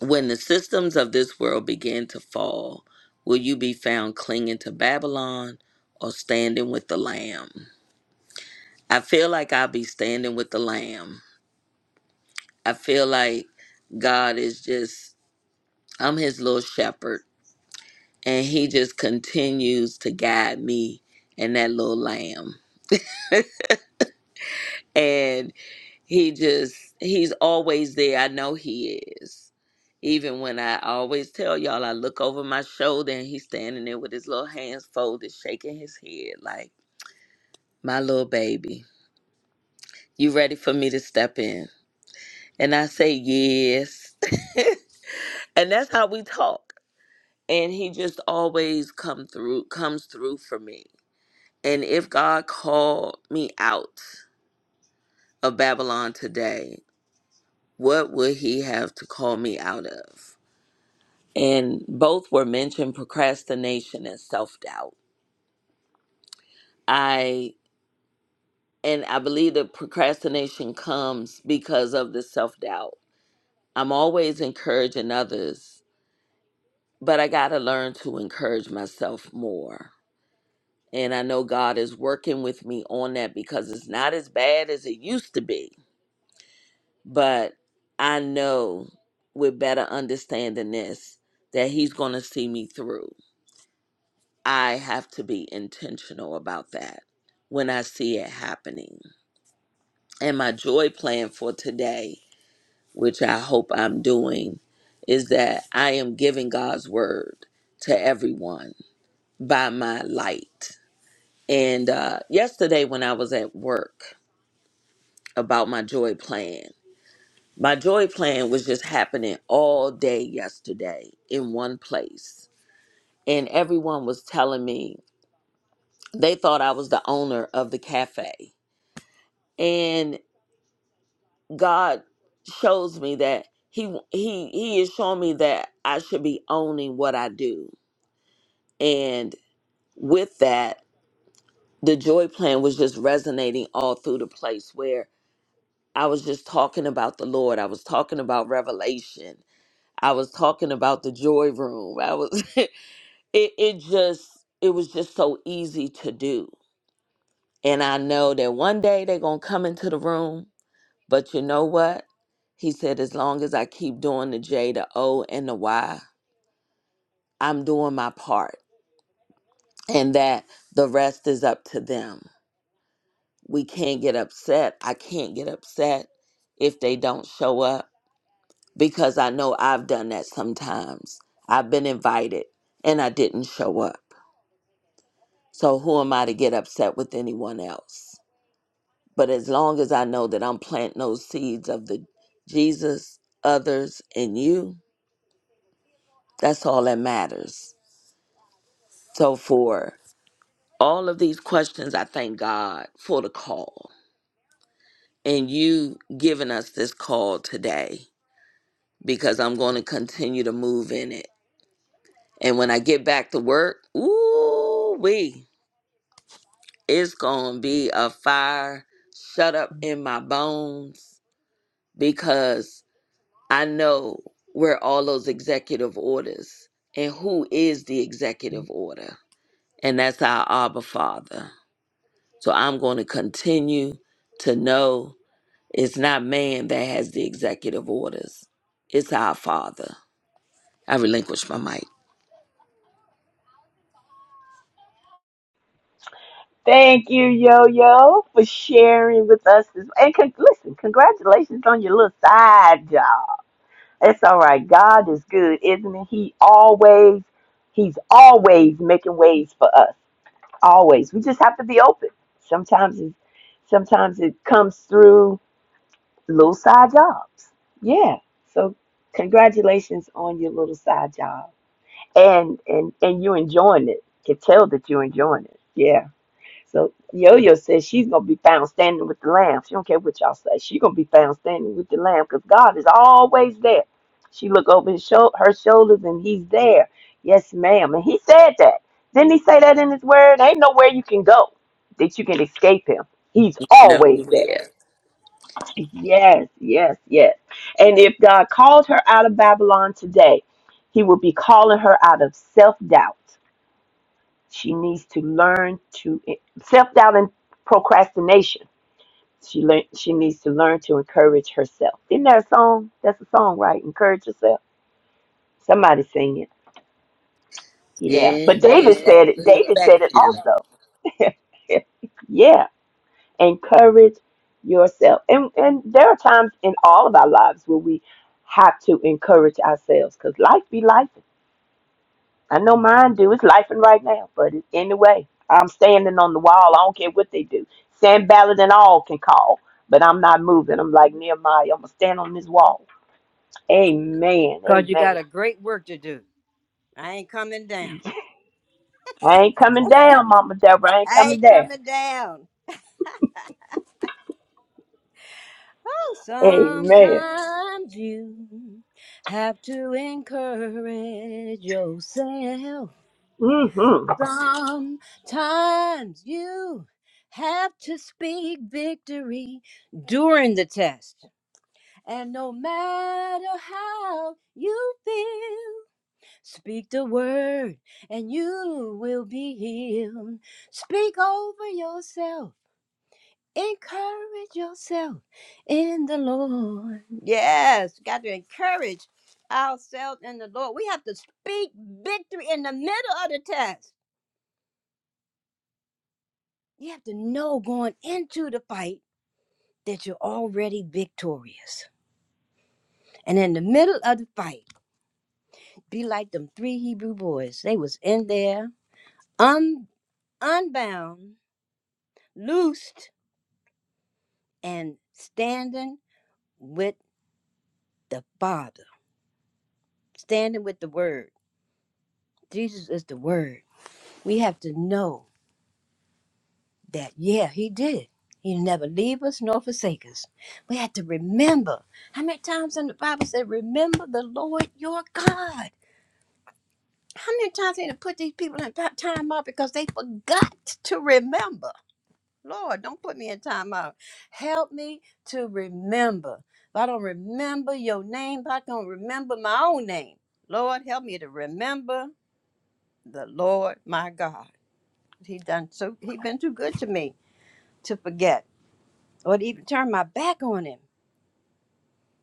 When the systems of this world begin to fall, will you be found clinging to Babylon or standing with the Lamb? I feel like I'll be standing with the Lamb I feel like God is just, I'm his little shepherd, and he just continues to guide me and that little lamb. And he just, he's always there. I know he is. Even when I always tell y'all, I look over my shoulder and he's standing there with his little hands folded, shaking his head like, my little baby, you ready for me to step in? And I say, yes. (laughs) and that's how we talk and he just always come through comes through for me and if god called me out of babylon today what would he have to call me out of and both were mentioned procrastination and self-doubt i and i believe that procrastination comes because of the self-doubt i'm always encouraging others but i gotta learn to encourage myself more And I know God is working with me on that because it's not as bad as it used to be. But I know with better understanding this that He's going to see me through. I have to be intentional about that when I see it happening. And my joy plan for today, which I hope I'm doing, is that I am giving God's word to everyone by my light. And uh, yesterday, when I was at work, about my joy plan. My joy plan was just happening all day yesterday in one place. And everyone was telling me they thought I was the owner of the cafe. And God shows me that he he he is showing me that I should be owning what I do. And with that, the joy plan was just resonating all through the place where I was just talking about the Lord. I was talking about revelation. I was talking about the joy room. I was (laughs) it it just it was just so easy to do. And I know that one day they're gonna come into the room, but you know what? He said, as long as I keep doing the J, the O, and the Y, I'm doing my part. And that the rest is up to them. We can't get upset. I can't get upset if they don't show up because I know I've done that sometimes. I've been invited and I didn't show up. So who am I to get upset with anyone else? But as long as I know that I'm planting those seeds of the Jesus, others, and you, that's all that matters. So for all of these questions, I thank God for the call and you giving us this call today because I'm going to continue to move in it. And when I get back to work, ooh wee, it's going to be a fire shut up in my bones because I know where all those executive orders and who is the executive order. And that's our Abba Father. So I'm going to continue to know it's not man that has the executive orders, it's our Father. I relinquish my mic. Thank you, Yo Yo, for sharing with us. This, and con- listen, congratulations on your little side job. It's all right. God is good, isn't he? He always, he's always making ways for us. Always. We just have to be open. Sometimes, it, sometimes it comes through little side jobs. Yeah. So congratulations on your little side job. And and and you enjoying it. Can tell that you're enjoying it. Yeah. So Yo Yo says she's gonna be found standing with the lamb. She don't care what y'all say. She's gonna be found standing with the lamb because God is always there. She look over his shou- her shoulders and he's there. Yes, ma'am. And he said that. Didn't he say that in his word? Ain't nowhere you can go that you can escape him. He's always there. Nowhere. Yes, yes, yes. And if God called her out of Babylon today, he will be calling her out of self doubt. She needs to learn to self doubt and procrastination. She learn, she needs to learn to encourage herself. Isn't that a song? That's a song, right? Encourage yourself. Somebody sing it. Yeah. Yes, But David that's said it. William David said it Beckton. also. (laughs) yeah. encourage yourself. And and there are times in all of our lives where we have to encourage ourselves because life be life. I know mine do. It's life and right now, but it- anyway, I'm standing on the wall. I don't care what they do. Sam Ballard and all can call, but I'm not moving. I'm like Nehemiah. I'm gonna stand on this wall. Amen. Cause you Amen. got a great work to do. I ain't coming down. I ain't coming down, Mama Deborah. I ain't I coming ain't down. coming down. Oh, Amen. sometimes you have to encourage yourself hmm Sometimes you have to speak victory during the test. And no matter how you feel, speak the word and you will be healed. Speak over yourself. Encourage yourself in the Lord. Yes, got to encourage ourselves in the Lord. We have to speak victory in the middle of the test. You have to know going into the fight that you're already victorious. And in the middle of the fight, be like them three Hebrew boys. They was in there, un- unbound, loosed, and standing with the Father, standing with the Word. Jesus is the Word. We have to know that, yeah, He did it. He never leave us nor forsake us. We have to remember. How many times in the Bible said, remember the Lord your God? How many times they done put these people in ti- time out because they forgot to remember? Lord, don't put me in time out. Help me to remember. If I don't remember your name, if I don't remember my own name, Lord, help me to remember the Lord my God. He done so. He been too good to me to forget or to even turn my back on him.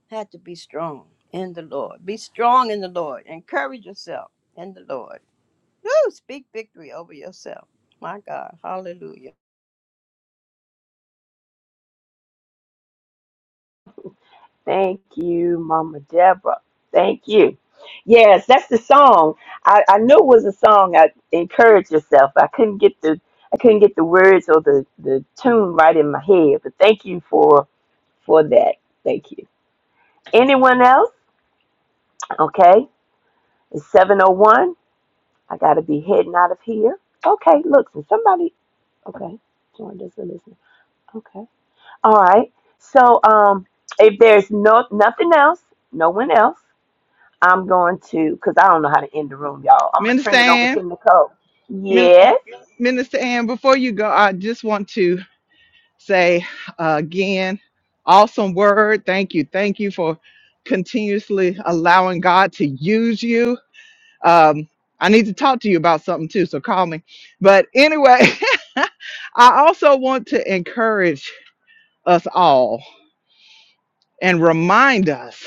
Had to be strong in the Lord. Be strong in the Lord. Encourage yourself in the Lord. Woo, speak victory over yourself. My God. Hallelujah. Thank you, Mama Deborah. Thank you. Yes, that's the song. I, I knew it was a song. I encourage yourself. I couldn't get the I couldn't get the words or the, the tune right in my head. But thank you for for that. Thank you. Anyone else? Okay. It's seven oh one. I gotta be heading out of here. Okay, look, so somebody okay. Join us and listen. Okay. All right. So um if there's no nothing else, no one else. I'm going to, because I don't know how to end the room, y'all. I'm going to Minister turn it over Ann, to Nicole. Min- Yes. Minister Ann, before you go, I just want to say uh, again, awesome word. Thank you. Thank you for continuously allowing God to use you. Um, I need to talk to you about something too, so call me. But anyway, (laughs) I also want to encourage us all and remind us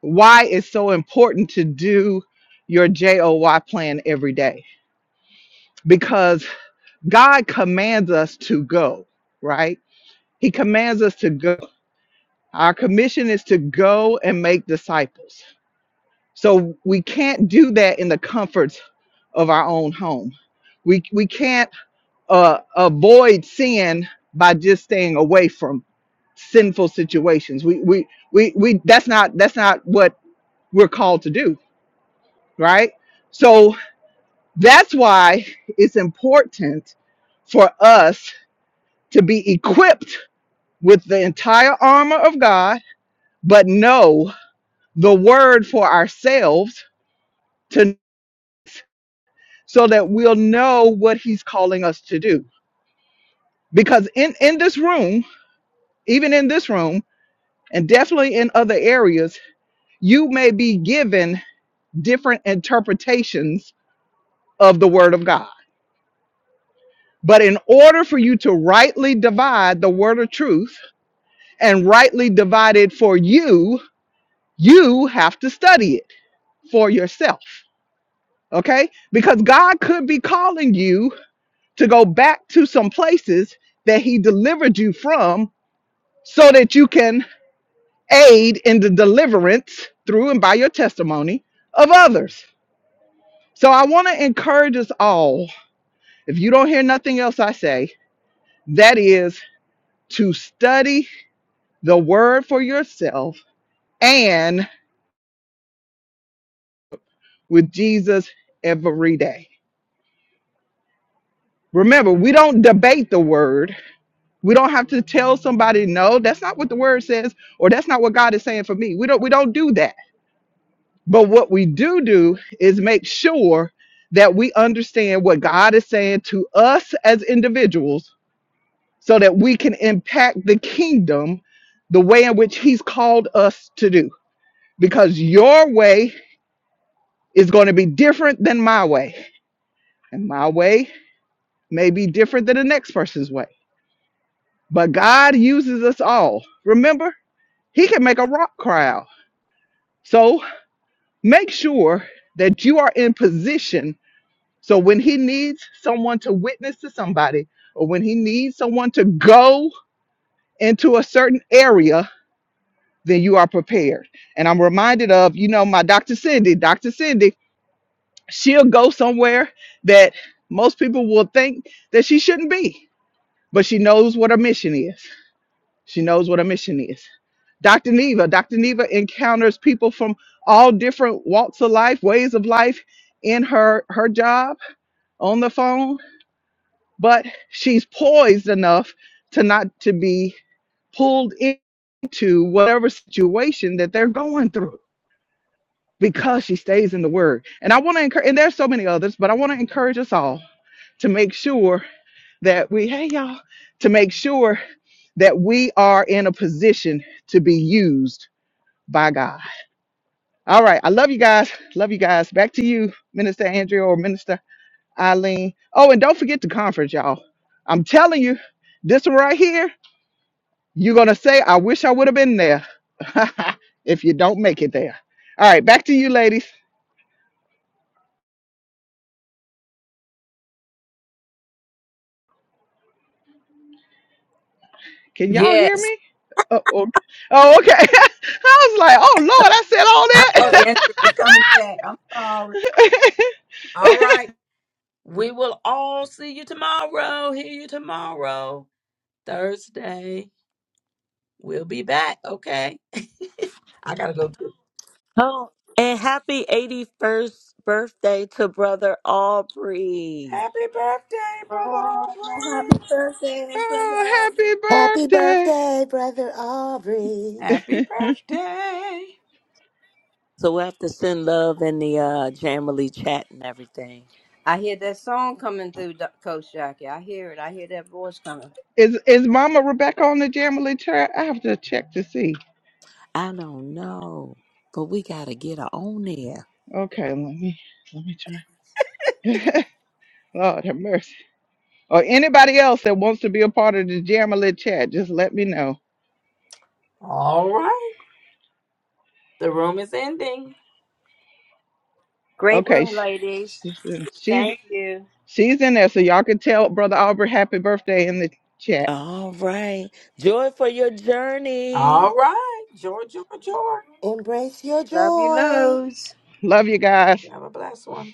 why it's so important to do your JOY plan every day because God commands us to go, right? He commands us to go Our commission is to go and make disciples. So we can't do that in the comforts of our own home. We, we can't uh, avoid sin by just staying away from sinful situations. We, we we we that's not that's not what we're called to do, right? So that's why it's important for us to be equipped with the entire armor of God, but know the word for ourselves to so that we'll know what he's calling us to do because in in this room even in this room and definitely in other areas you may be given different interpretations of the word of god but in order for you to rightly divide the word of truth and rightly divide it for you you have to study it for yourself okay because god could be calling you to go back to some places that he delivered you from so that you can aid in the deliverance through and by your testimony of others. So I want to encourage us all, if you don't hear nothing else I say, that is to study the word for yourself and with Jesus every day. Remember, we don't debate the word. We don't have to tell somebody, no, that's not what the word says, or that's not what God is saying for me. We don't we don't do that But what we do do is make sure that we understand what God is saying to us as individuals so that we can impact the kingdom the way in which He's called us to do. Because your way is going to be different than my way, and my way may be different than the next person's way. But God uses us all. Remember, He can make a rock cry out. So make sure that you are in position So when he needs someone to witness to somebody, or when he needs someone to go into a certain area, then you are prepared. And I'm reminded of, you know, my Dr. Cindy, Dr. Cindy, she'll go somewhere that most people will think that she shouldn't be, but she knows what her mission is. She knows what her mission is. Dr. Neva, Dr. Neva encounters people from all different walks of life, ways of life in her her job on the phone but she's poised enough to not to be pulled into whatever situation that they're going through because she stays in the word. And I want to encourage and there's so many others, but I want to encourage us all to make sure that we hey y'all to make sure that we are in a position to be used by God. All right, I love you guys. Love you guys. Back to you, Minister Andrea or Minister Eileen. Oh, and don't forget the conference, y'all. I'm telling you, this one right here, you're going to say, I wish I would have been there (laughs) if you don't make it there. All right, back to you, ladies. Can y'all hear Yes. me? Oh, oh, okay. Oh, okay. (laughs) I was like, oh, Lord, I said all I thought Andrew that. was coming back. I'm sorry. All right. We will all see you tomorrow. Hear you tomorrow. Thursday. We'll be back, okay? I gotta go. get- Oh, and happy 81st birthday to brother Aubrey. Happy birthday, Brother Oh, Aubrey. happy (laughs) birthday, Brother oh, Aubrey. happy Happy birthday. birthday, Brother Aubrey. Happy birthday. So we have to send love in the uh Jamily chat and everything. I hear that song coming through, Do- Coach Jackie. I hear it. I hear that voice coming. Is is Mama Rebecca on the Jamily chat? I have to check to see. I don't know, but we got to get her on there. Okay, let me let me try. (laughs) Lord have mercy. or anybody else that wants to be a part of the Jamily chat, just let me know. All right. The room is ending. Great Okay, room, sh- ladies. she's in, she's Thank you. she's in there, so y'all can tell Brother Albert happy birthday in the chat. All right. Joy for your journey. All right. Joy, joy, joy. Embrace your Love you, joy. loads. Love you guys. Have a blessed one.